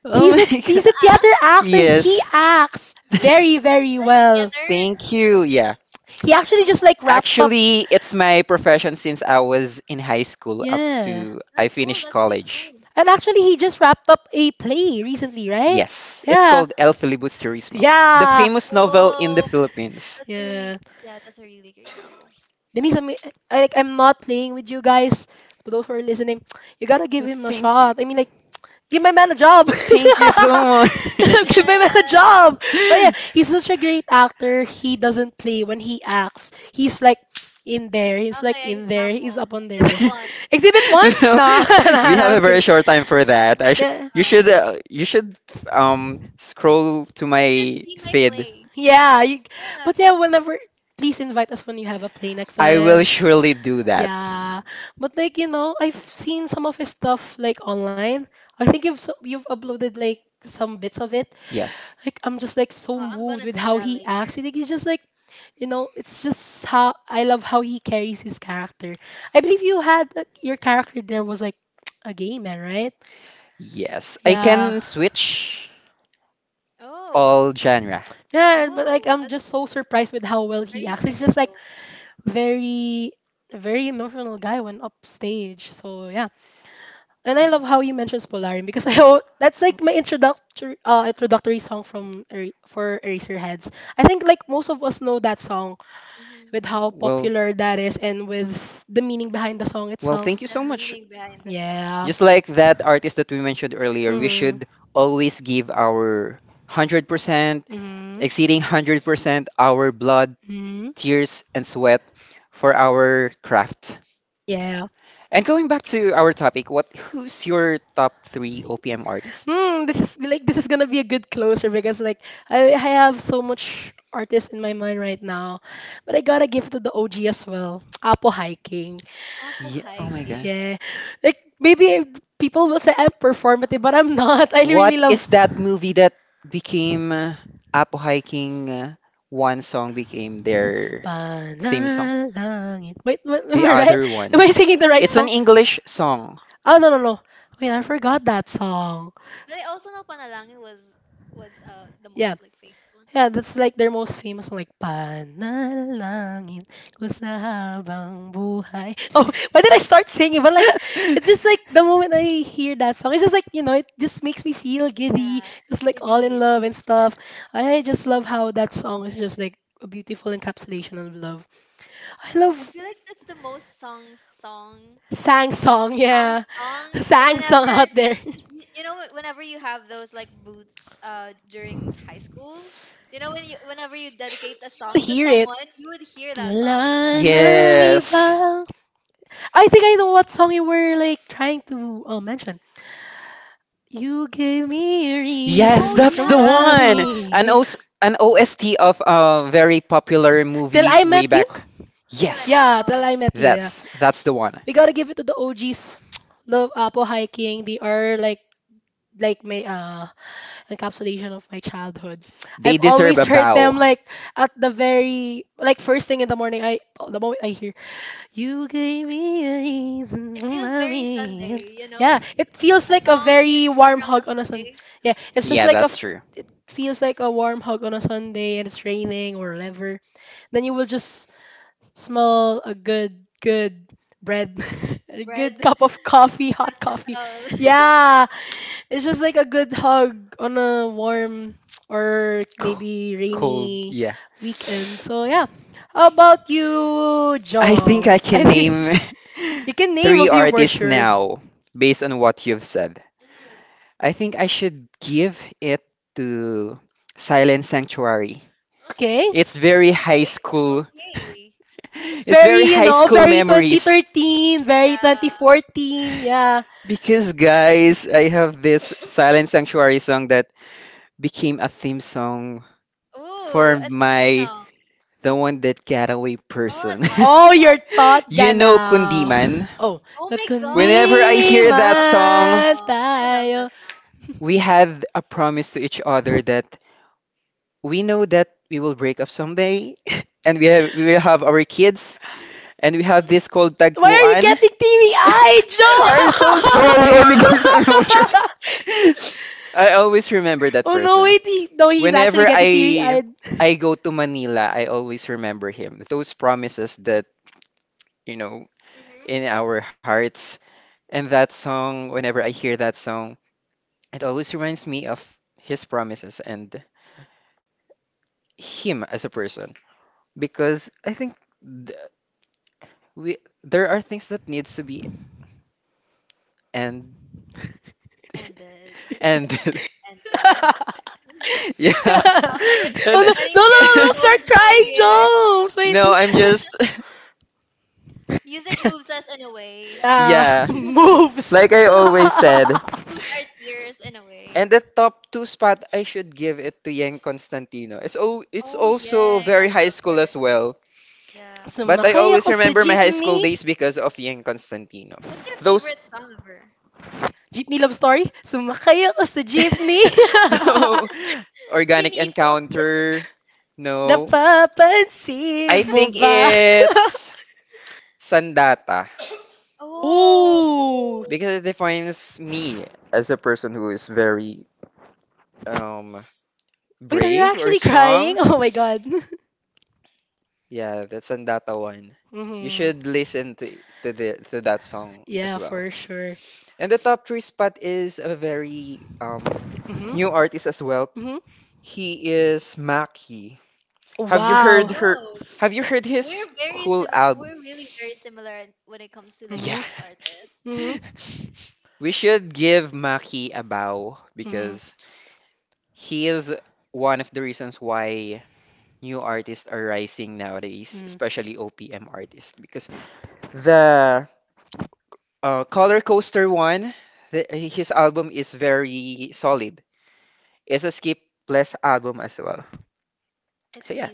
A: Oh my God. Yes. Thank you. Yeah. Actually, it's my profession since I was in high school up to I finished college. Yes, it's called El Filibusterismo, the famous novel in the Philippines. Thank you. Thank you so much. We have a very short time for that. I sh You should uh, you should um scroll to my feed. I will surely do that. Yes. Yes. I can switch all genre. Well, well, thank you so much. Just like that artist that we mentioned earlier, we should always give our one hundred percent, exceeding one hundred percent our blood, tears, and sweat for our craft. And going back to our topic, what who's your top three O P M artist? Yeah, oh my God. That movie that became uh, Apo Hiking uh, one song became their theme am
B: Yeah.
A: one.
B: If,
A: English song. It's just yes. Yes, that's the one. An O S an O S T of a very popular movie way back. Yes, that's that's the one. They deserve a bow. Yeah, that's true. Co- Cold, yeah. I think I can name three artists now based on what you've said. I think I should give it to Silent Sanctuary. It's very high school. It's very high school memories.
B: yeah.
A: Because guys, I have this Silent Sanctuary song that became a theme song for my the one that got away
B: Oh, I
A: person.
B: thought, I thought.
A: You know Kundiman?
B: Oh my
A: Whenever I
B: God, I
A: hear that
B: love that
A: song,
B: song. I love that song.
A: we had a promise to each other that we know that we will break up someday and we have we will have our kids and we have this called tagpuan. I'm so sorry, oh my God, so emotional. I always remember that person. Whenever I I go to Manila, I always remember him. Those promises that, you know, in our hearts. And that song, whenever I hear that song, it always reminds me of his promises and him as a person. Because I think th we there are things that needs to be end ended. Yeah. And no, I'm just yeah, like I always said. And the top two spot, I should give it to Yang Constantino. It's al it's also very high school as well. But I always remember my high school days because of Yang Constantino. Those. No. Organic Encounter. No. I think it's Sandata
B: Oh,
A: because it defines me as a person who is very um brave or strong. Sabi, yeah, that's Sandata one. You mhm, should listen to to the to that song as well. And the top three spot is a very um new artist as well. He is Maki. Have you heard her? Have you heard his whole album? Yeah. We should give Maki a bow because he is one of the reasons why new artists are rising nowadays, especially O P M artists. Because the uh, Color Coaster one, the, his album is very solid. It's a skipless album as well. So yeah,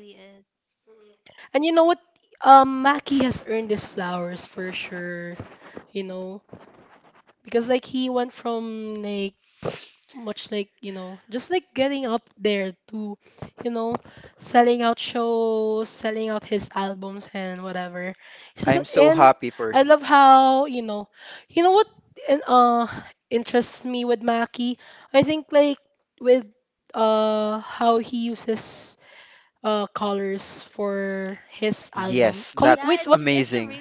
A: I'm so happy for him. Yes, that's amazing.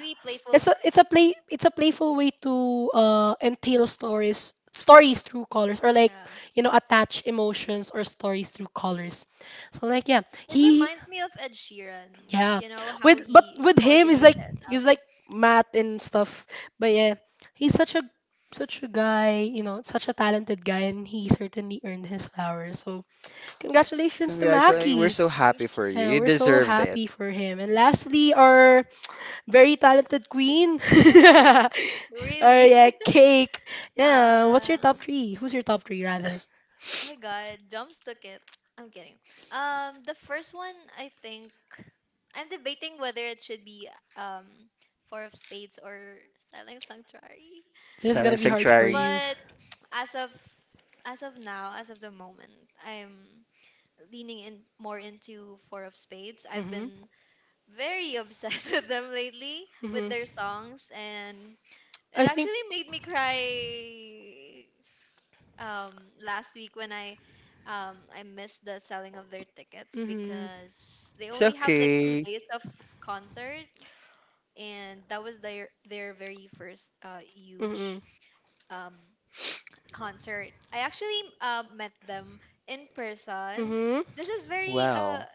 A: We're so happy for you. You deserved it. Silent Sanctuary. It's okay. Wow.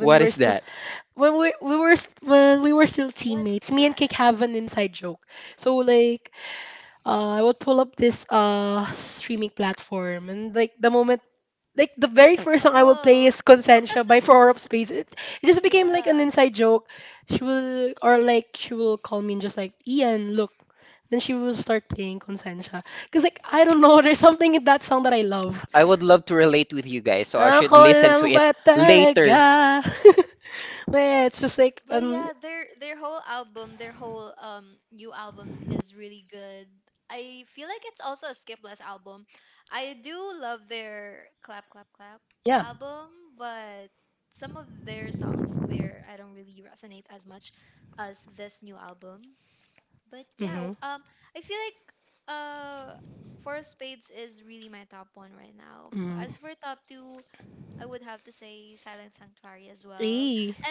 A: What is that? I would love to relate with you guys, so I should listen to it later.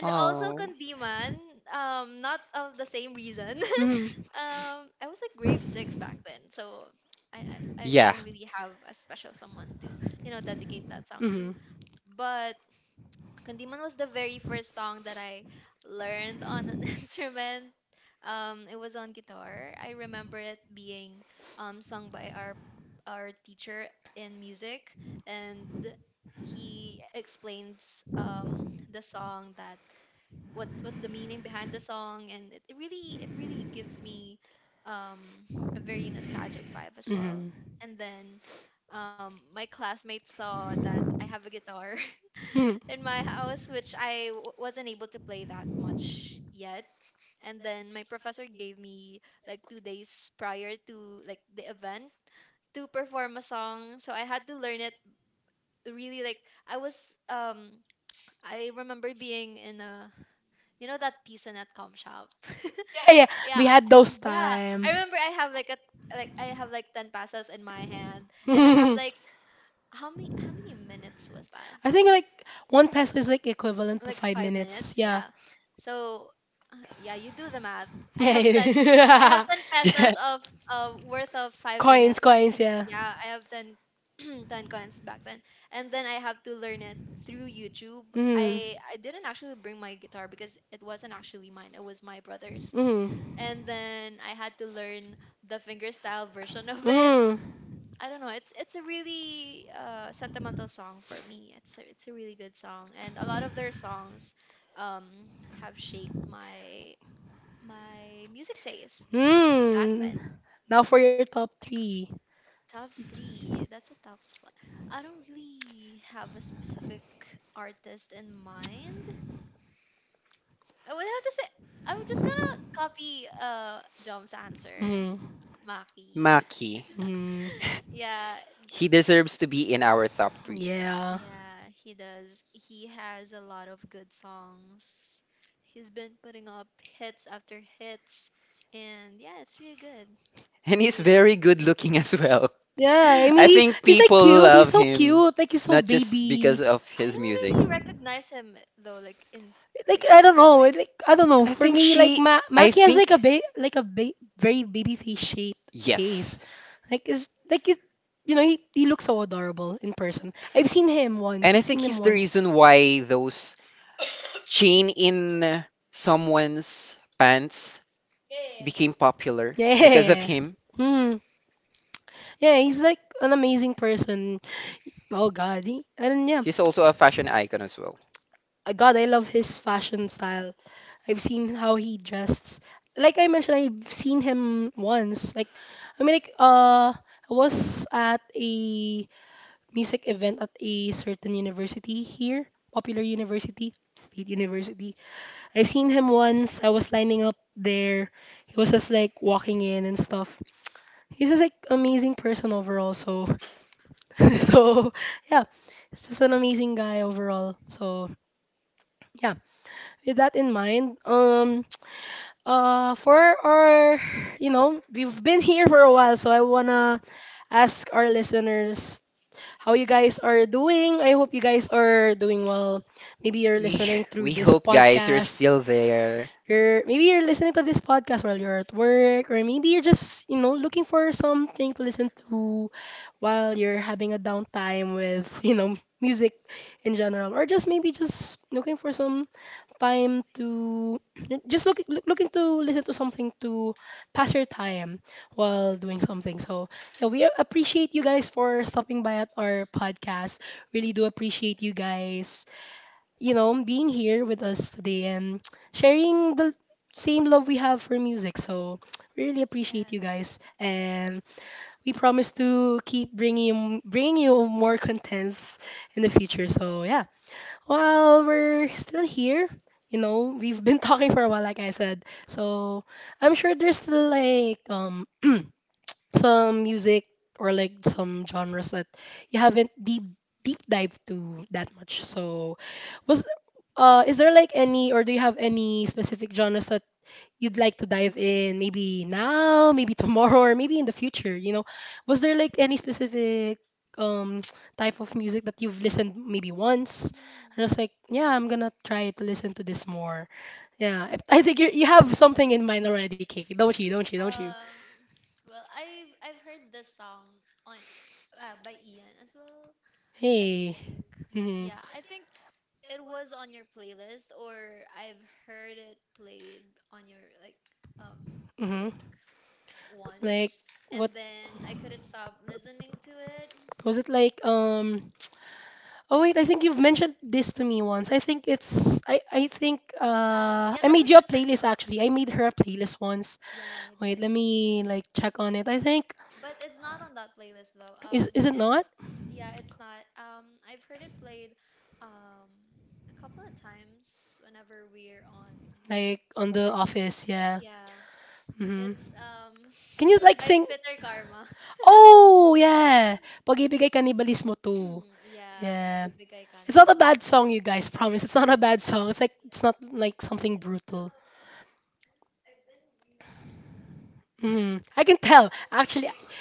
A: Oh. Yeah. Maki. He deserves to be in our top three. And he's very good looking as well. I think people love him, not just because of his music. I think she. I think. Yes. And I think he's the reason why those chain in someone's pants became popular because of him. He's also a fashion icon as well. We we hope guys you're still there.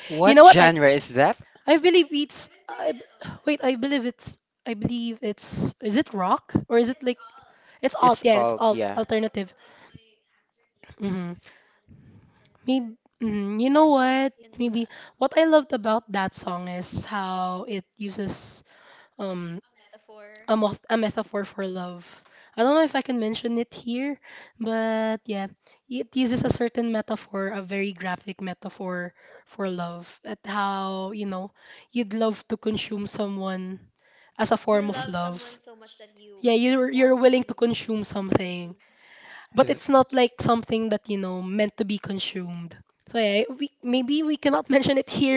A: What genre is that? It's alt, yeah. Th-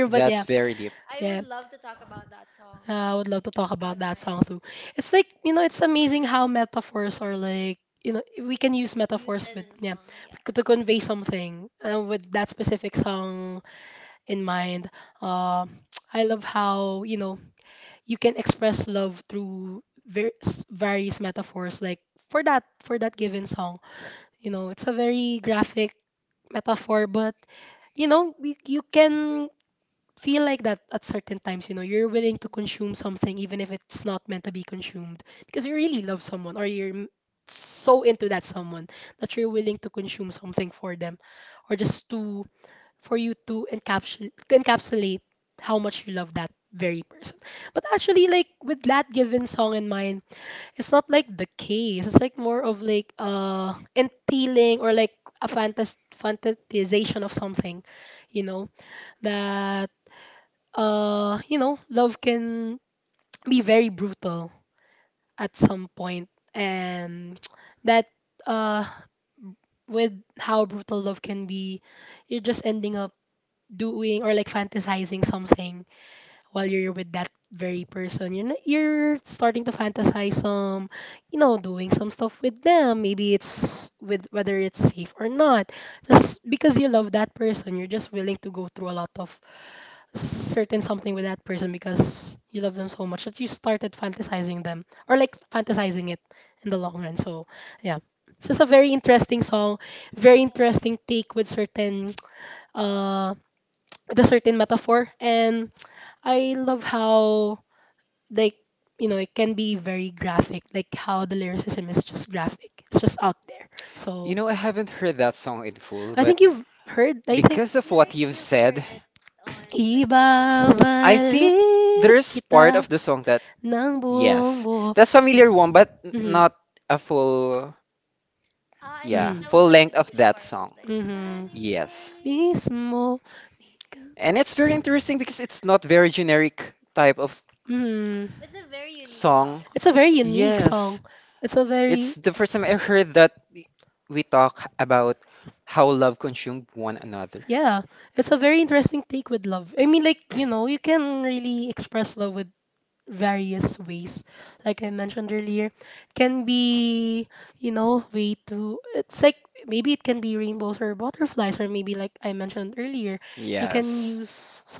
A: That's very deep.
B: yeah.
A: You know, I haven't heard that song in full, but because of what you've said, I think there's part of the song that, yes, that's familiar one, but n- not a full, yeah, full length of that song. Yes. And it's very interesting because it's not very generic type of song. Yes. It's the first time I heard that we talk about how love consumed one another. Yes.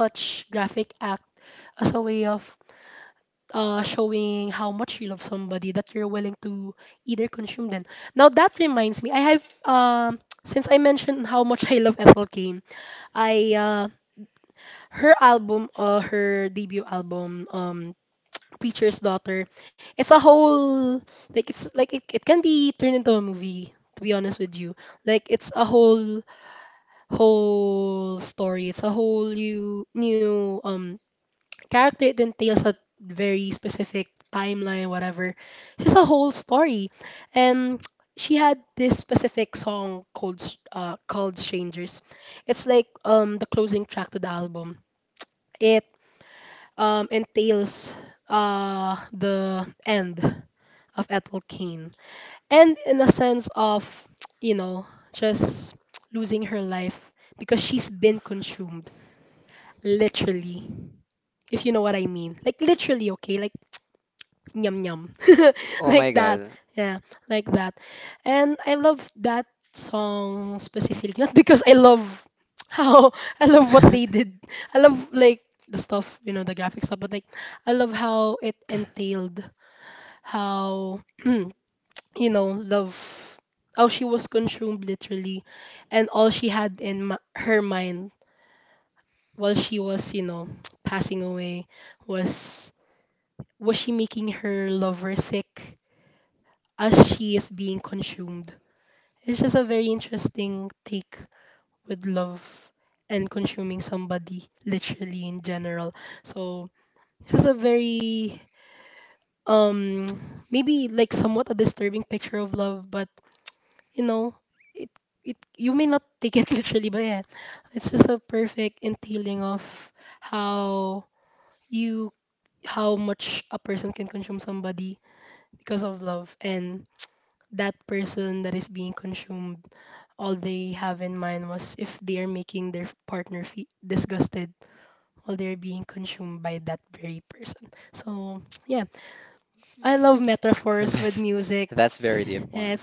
A: Oh my god. That's that's very deep one.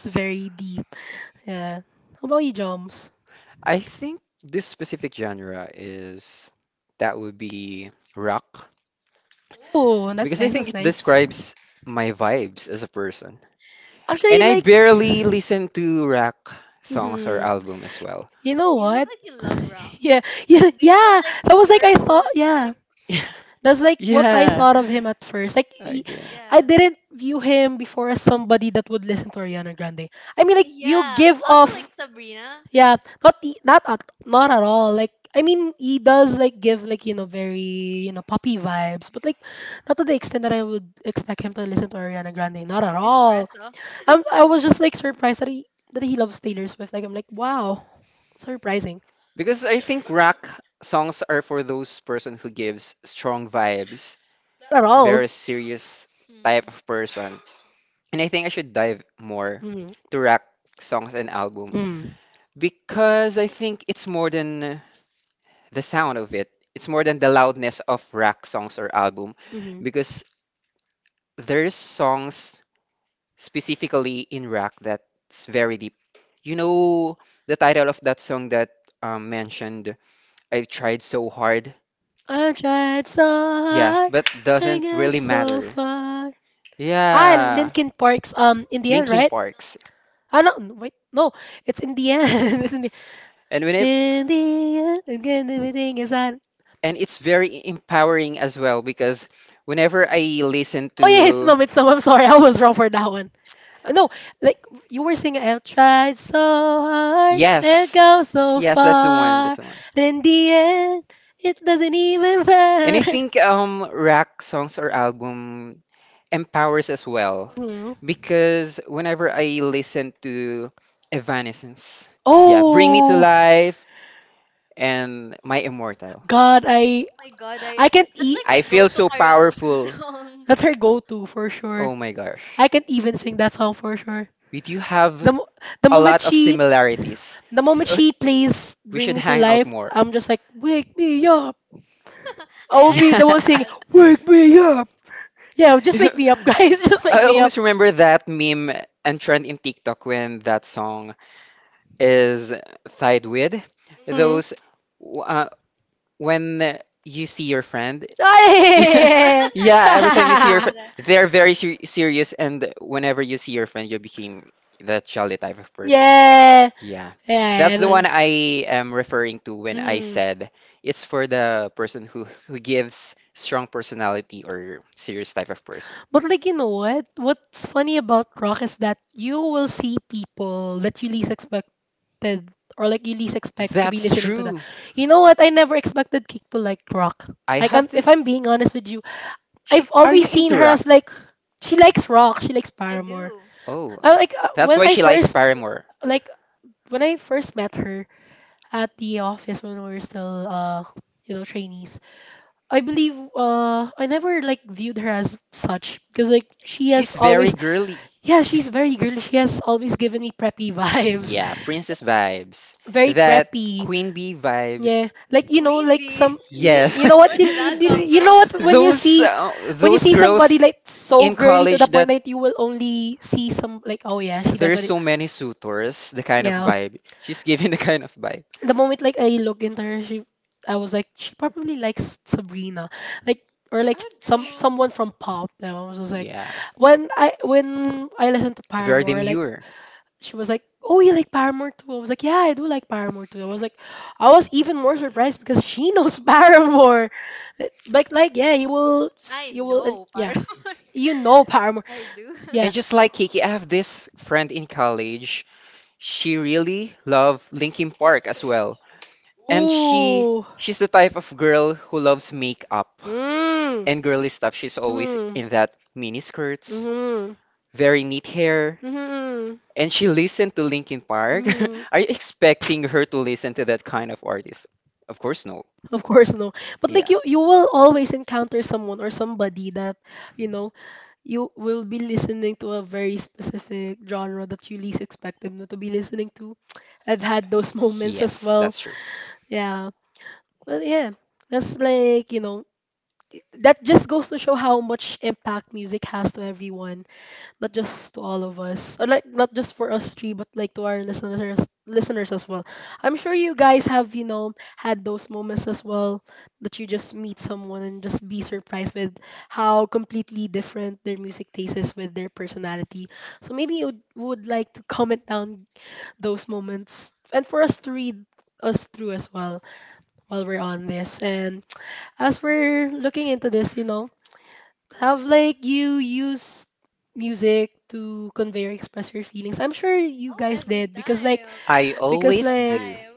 A: I think this specific genre is that would be rock because I think it describes my vibes as a person. And I barely listen to rock songs or album as well.
B: You look like you love
A: Yeah. Again. Because I think rock songs are for those person who gives strong vibes, very serious type of person. And I think I should dive more to rock songs and album because I think it's more than the sound of it. It's more than the loudness of rock songs or album because there's songs specifically in rock that's very deep. You know the title of that song that um, mentioned, I tried so hard, yeah, but doesn't really matter. Yeah. Linkin Parks. And when it and it's very empowering as well because whenever I listen to yes. Yes, that's the one. That's the one. And I think um rock songs or album empowers as well because whenever I listen to Evanescence, yeah, Bring Me to Life and My Immortal, I feel so powerful. Oh my gosh. We do have a lot of similarities. So we should hang out more. Yeah. I always remember that meme and trend in TikTok when that song is tied with those w- uh, when you see your friend. Yeah, yeah, every time you see your friend, they're very ser serious, and whenever you see your friend, you became that jolly type of person. Yeah. That's the one I am referring to when I said it's for the person who who gives strong personality or serious type of. That's true. I have this. She, are you into rock? Oh, that's why she likes Paramore. Girly. Yeah, princess vibes. Queen bee vibes.
B: Queen Bee. Where did that come from?
A: uh, really those there's so many suitors, the vibe. She's giving the kind of vibe.
B: I do.
A: Yeah. Very demure.
B: I know, Paro. I do.
A: And just like Kiki, I have this friend in college. She really loved Linkin Park as well. And she she's the type of girl who loves makeup and girly stuff. She's always in mm, that mini skirts, mm. very neat hair. And she listened to Linkin Park. Are you expecting her to listen to that kind of artist? Of course, no. Yeah. Yes, that's true.
B: I am
A: I
B: every single
A: always do.
B: time.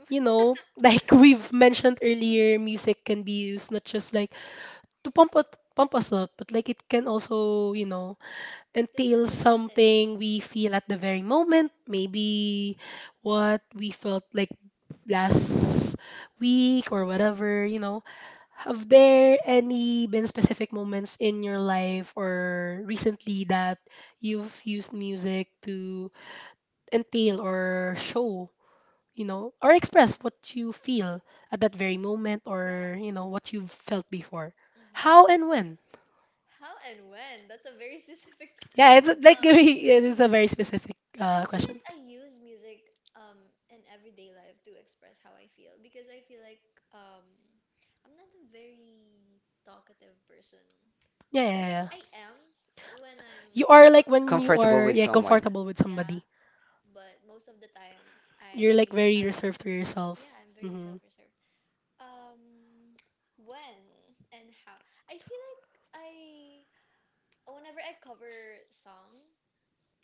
A: Comfortable with someone.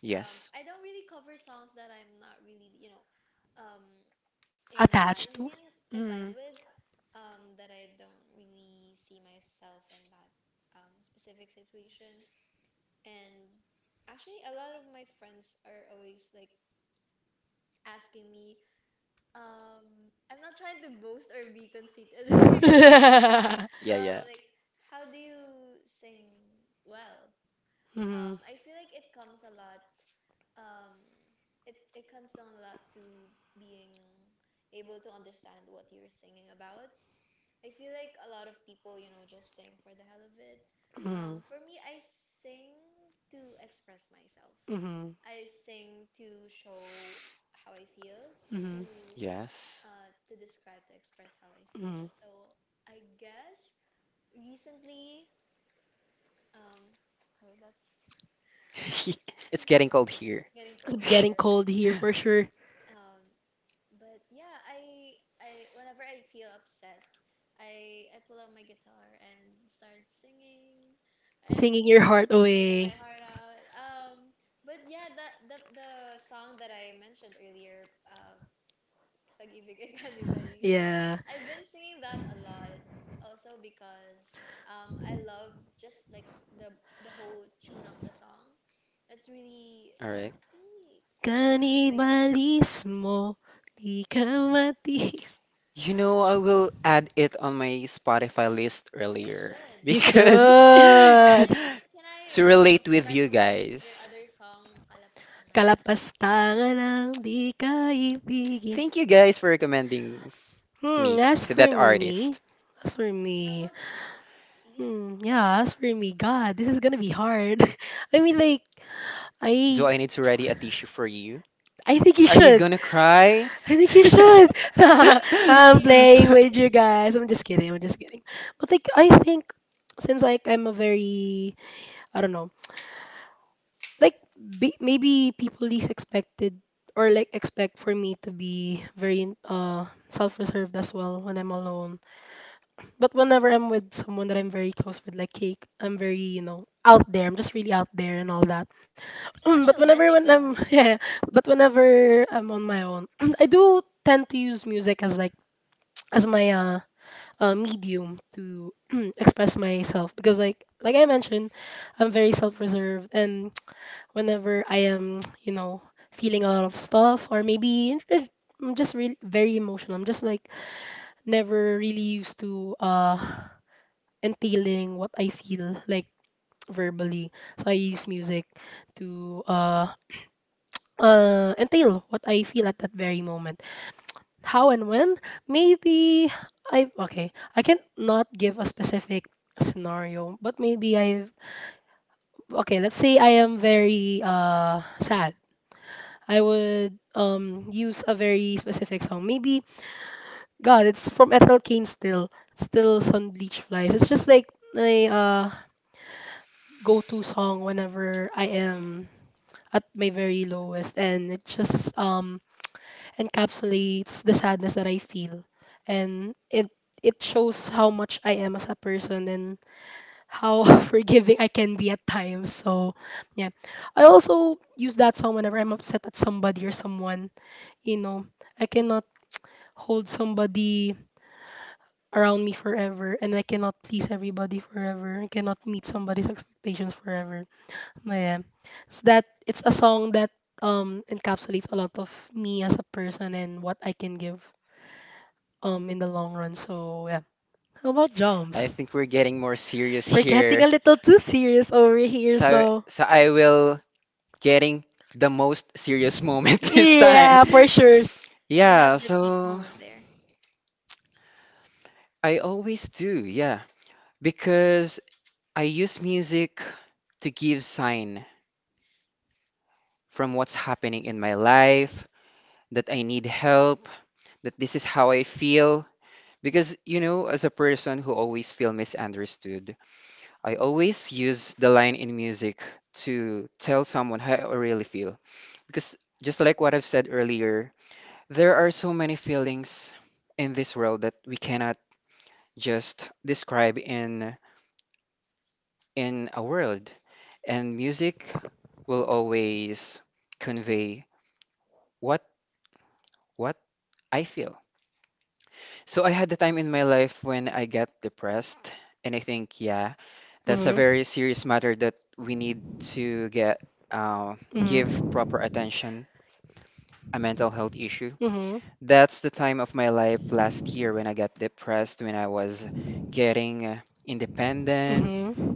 A: Yes. Yeah, yeah. Yes. It's getting cold here. All right. You know, I will add it on my Spotify list earlier because to relate with you guys. Thank you guys for recommending me to that artist. Do I need to ready a tissue for you? Are you gonna cry? I think we're getting more serious here. So so I will getting the most serious moment this time. Yeah, so I always do, yeah, because I use music to give sign from what's happening in my life, that I need help, that this is how I feel. Because, you know, as a person who always feel misunderstood, I always use the line in music to tell someone how I really feel. Because just like what I've said earlier, there are so many feelings in this world that we cannot just describe in in a word. And music will always convey what what I feel. So I had the time in my life when I got depressed, and I think, yeah, that's a very serious matter that we need to get uh, give proper attention a mental health issue. That's the time of my life last year when I got depressed, when I was getting uh, independent,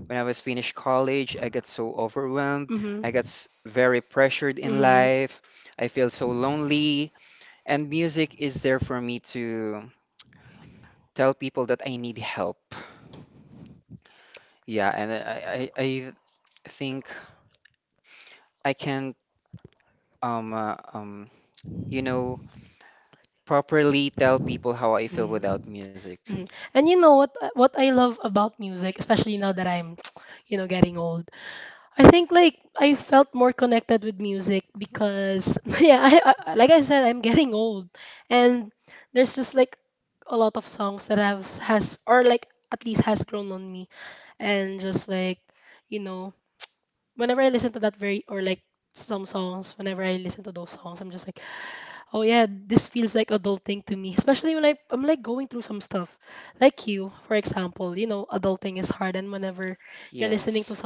A: when I was finished college, I got so overwhelmed. I got s- very pressured in life. I feel so lonely. And music is there for me to tell people that I need help. Yeah, and I, I, I think I can't, um, uh, um, you know, properly tell people how I feel without music. Yes.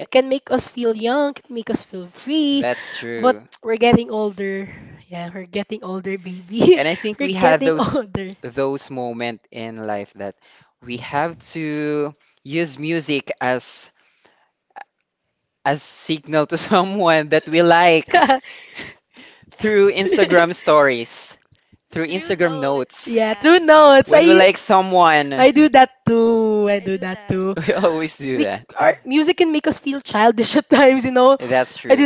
A: Eh, that's true. And I think we have those those moment in life that we have to use music as as signal to someone that we like through Instagram stories, through Instagram notes. When we like someone, we always do that. That's true.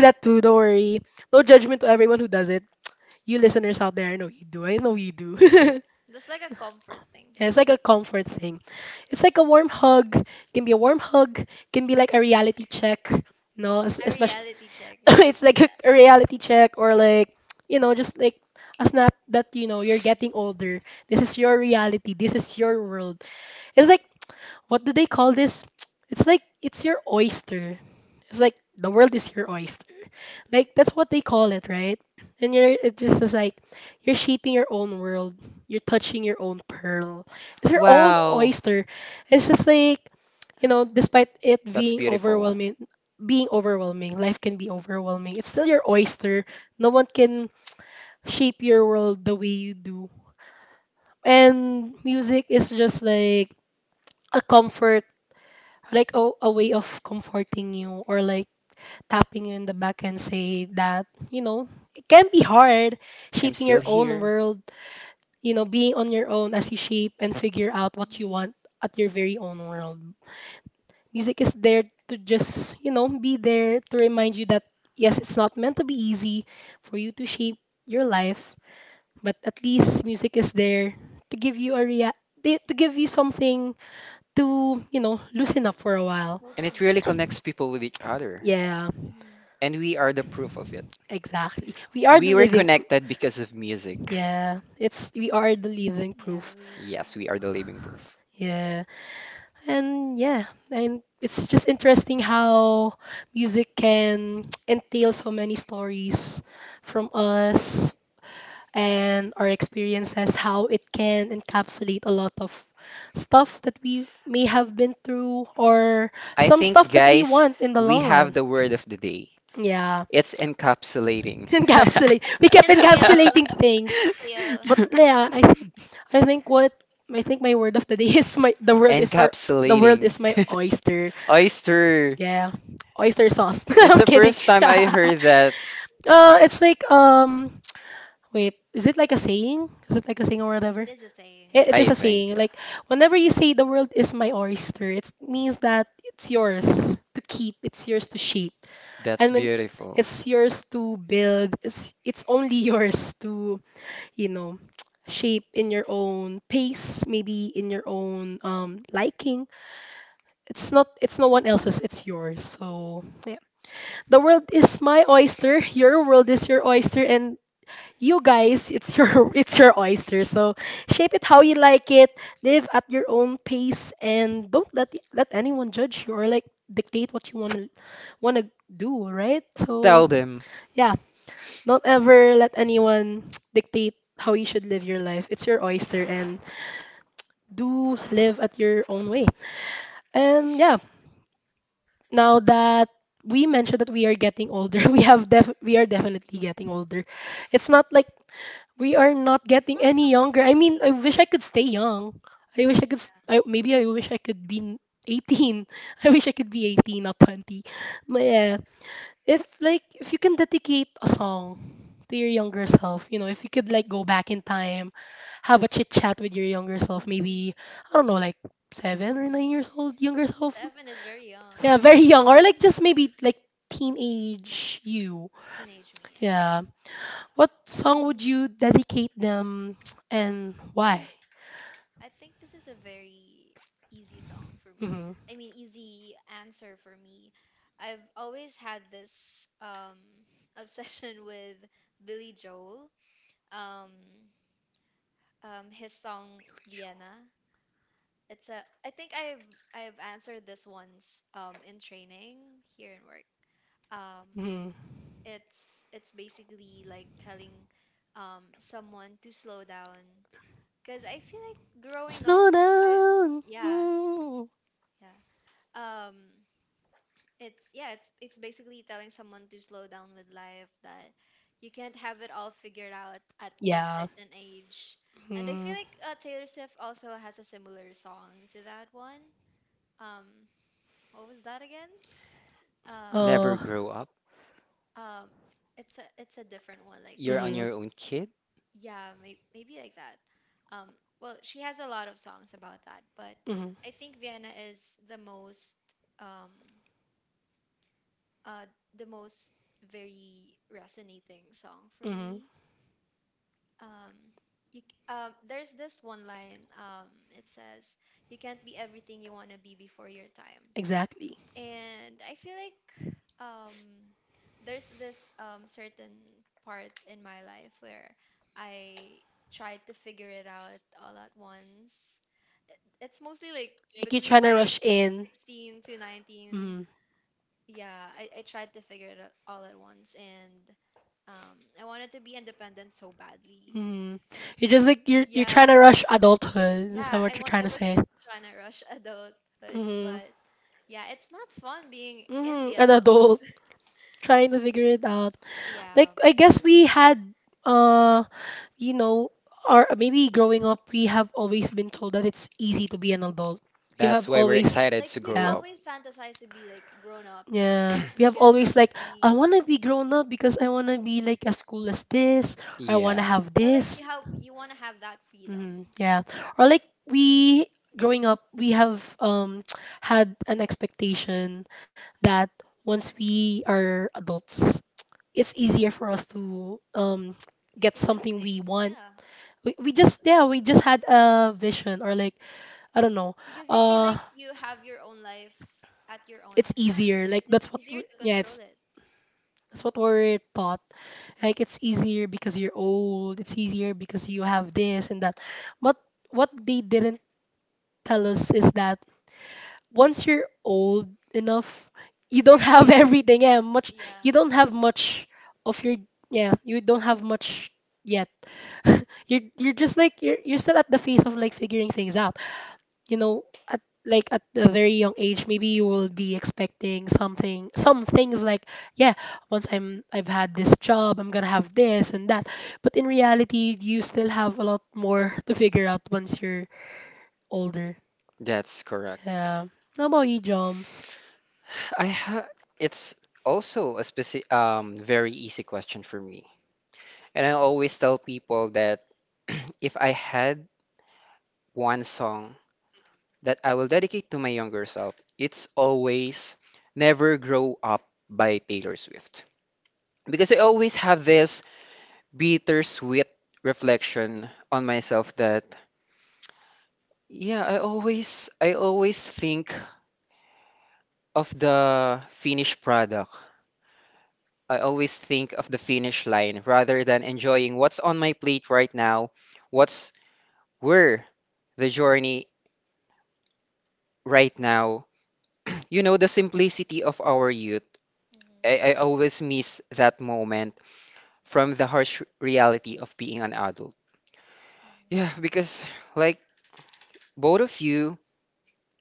A: That's beautiful one. I'm still here. And it really connects people with each other. And we are the proof of it. We were connected because of music. Yes, we are the living proof. I think, guys, we have the word of the day. It's encapsulating. Encapsulating. Oyster. It's the first time I heard that. I think, yeah. That's beautiful. Tell them. Never grow up. You're on your own kid? That's why we're excited to grow up. Yeah, that's correct. I ha it's also a specific um very easy question for me. And I always tell people that if I had one song that I will dedicate to my younger self, it's always Never Grow Up by Taylor Swift. Because I always have this bittersweet reflection on myself that yeah, i always i always think of the finished product, I always think of the finish line rather than enjoying what's on my plate right now, what's where the journey right now. You know the simplicity of our youth, i, I always miss that moment from the harsh reality of being an adult. Yeah, because like both of you,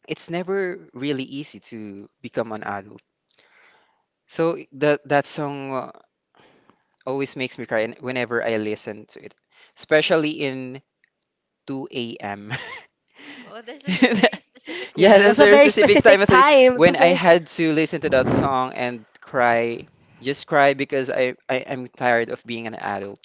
A: it's never really easy to become an adult. So that that song uh, always makes me cry, and whenever I listen to it, especially in two a m Yeah, that's very specific time of the when I had to listen to that song and cry, just cry because I I am tired of being an adult.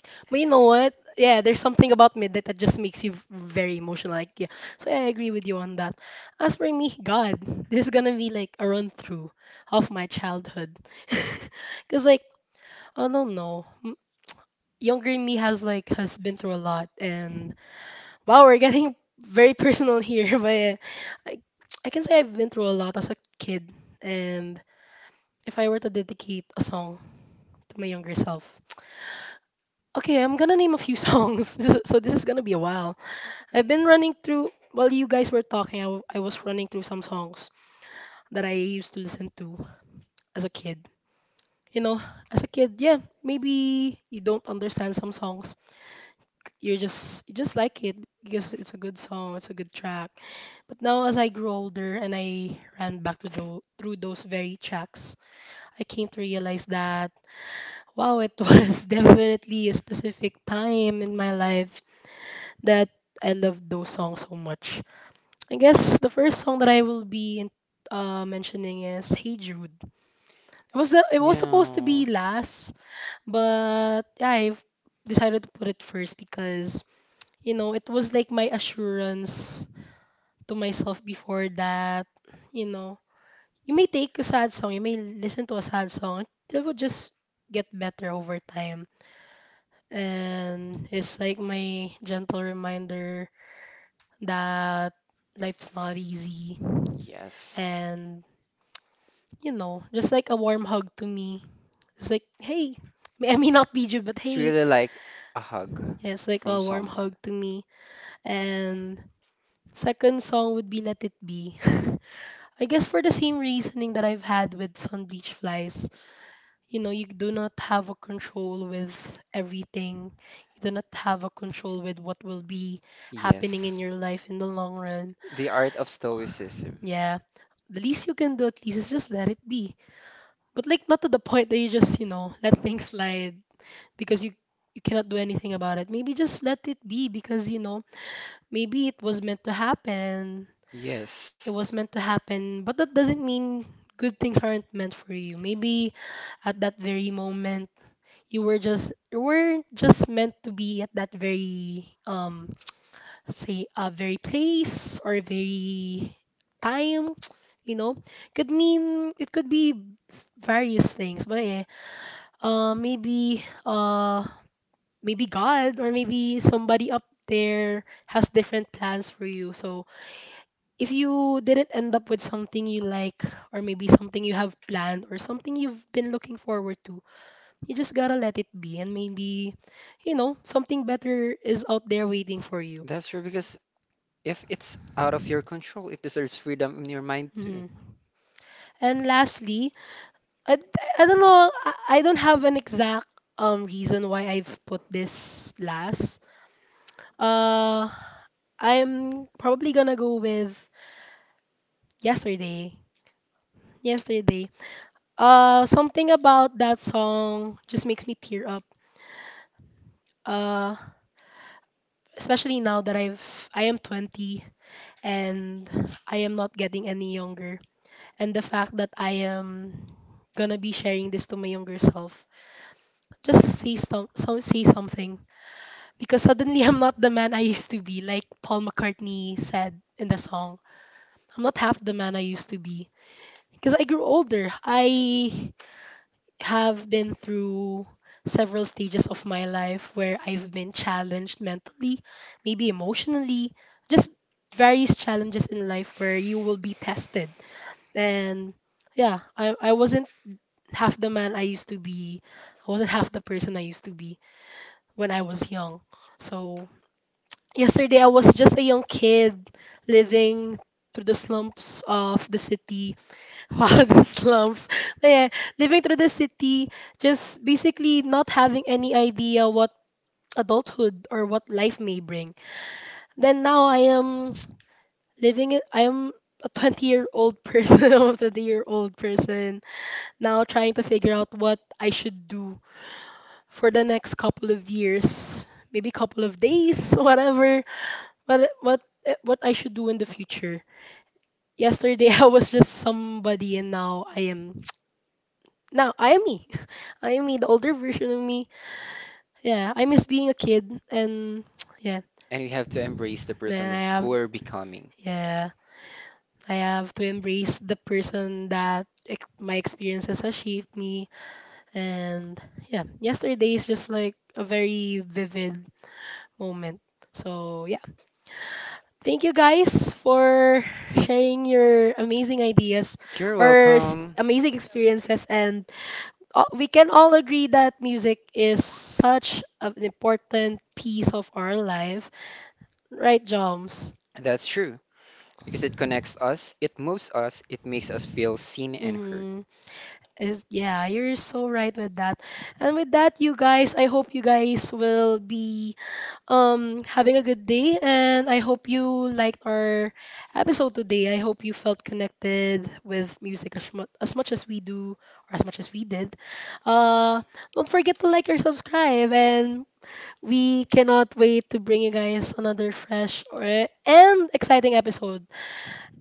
A: Yeah. Yes. It's really like a hug from someone. Yes. The art of stoicism. Yes. That's true because if it's out of your control, it deserves freedom in your mind too. And you have to embrace the person who we're becoming. You're welcome. That's true because it connects us, it moves us, it makes us feel seen and heard.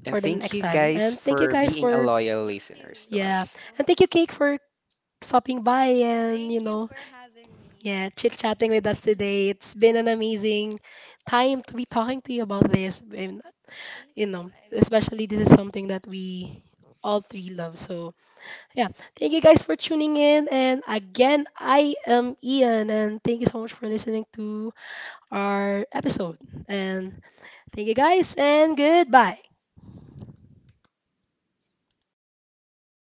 A: And thank you guys for being a loyal listeners to us.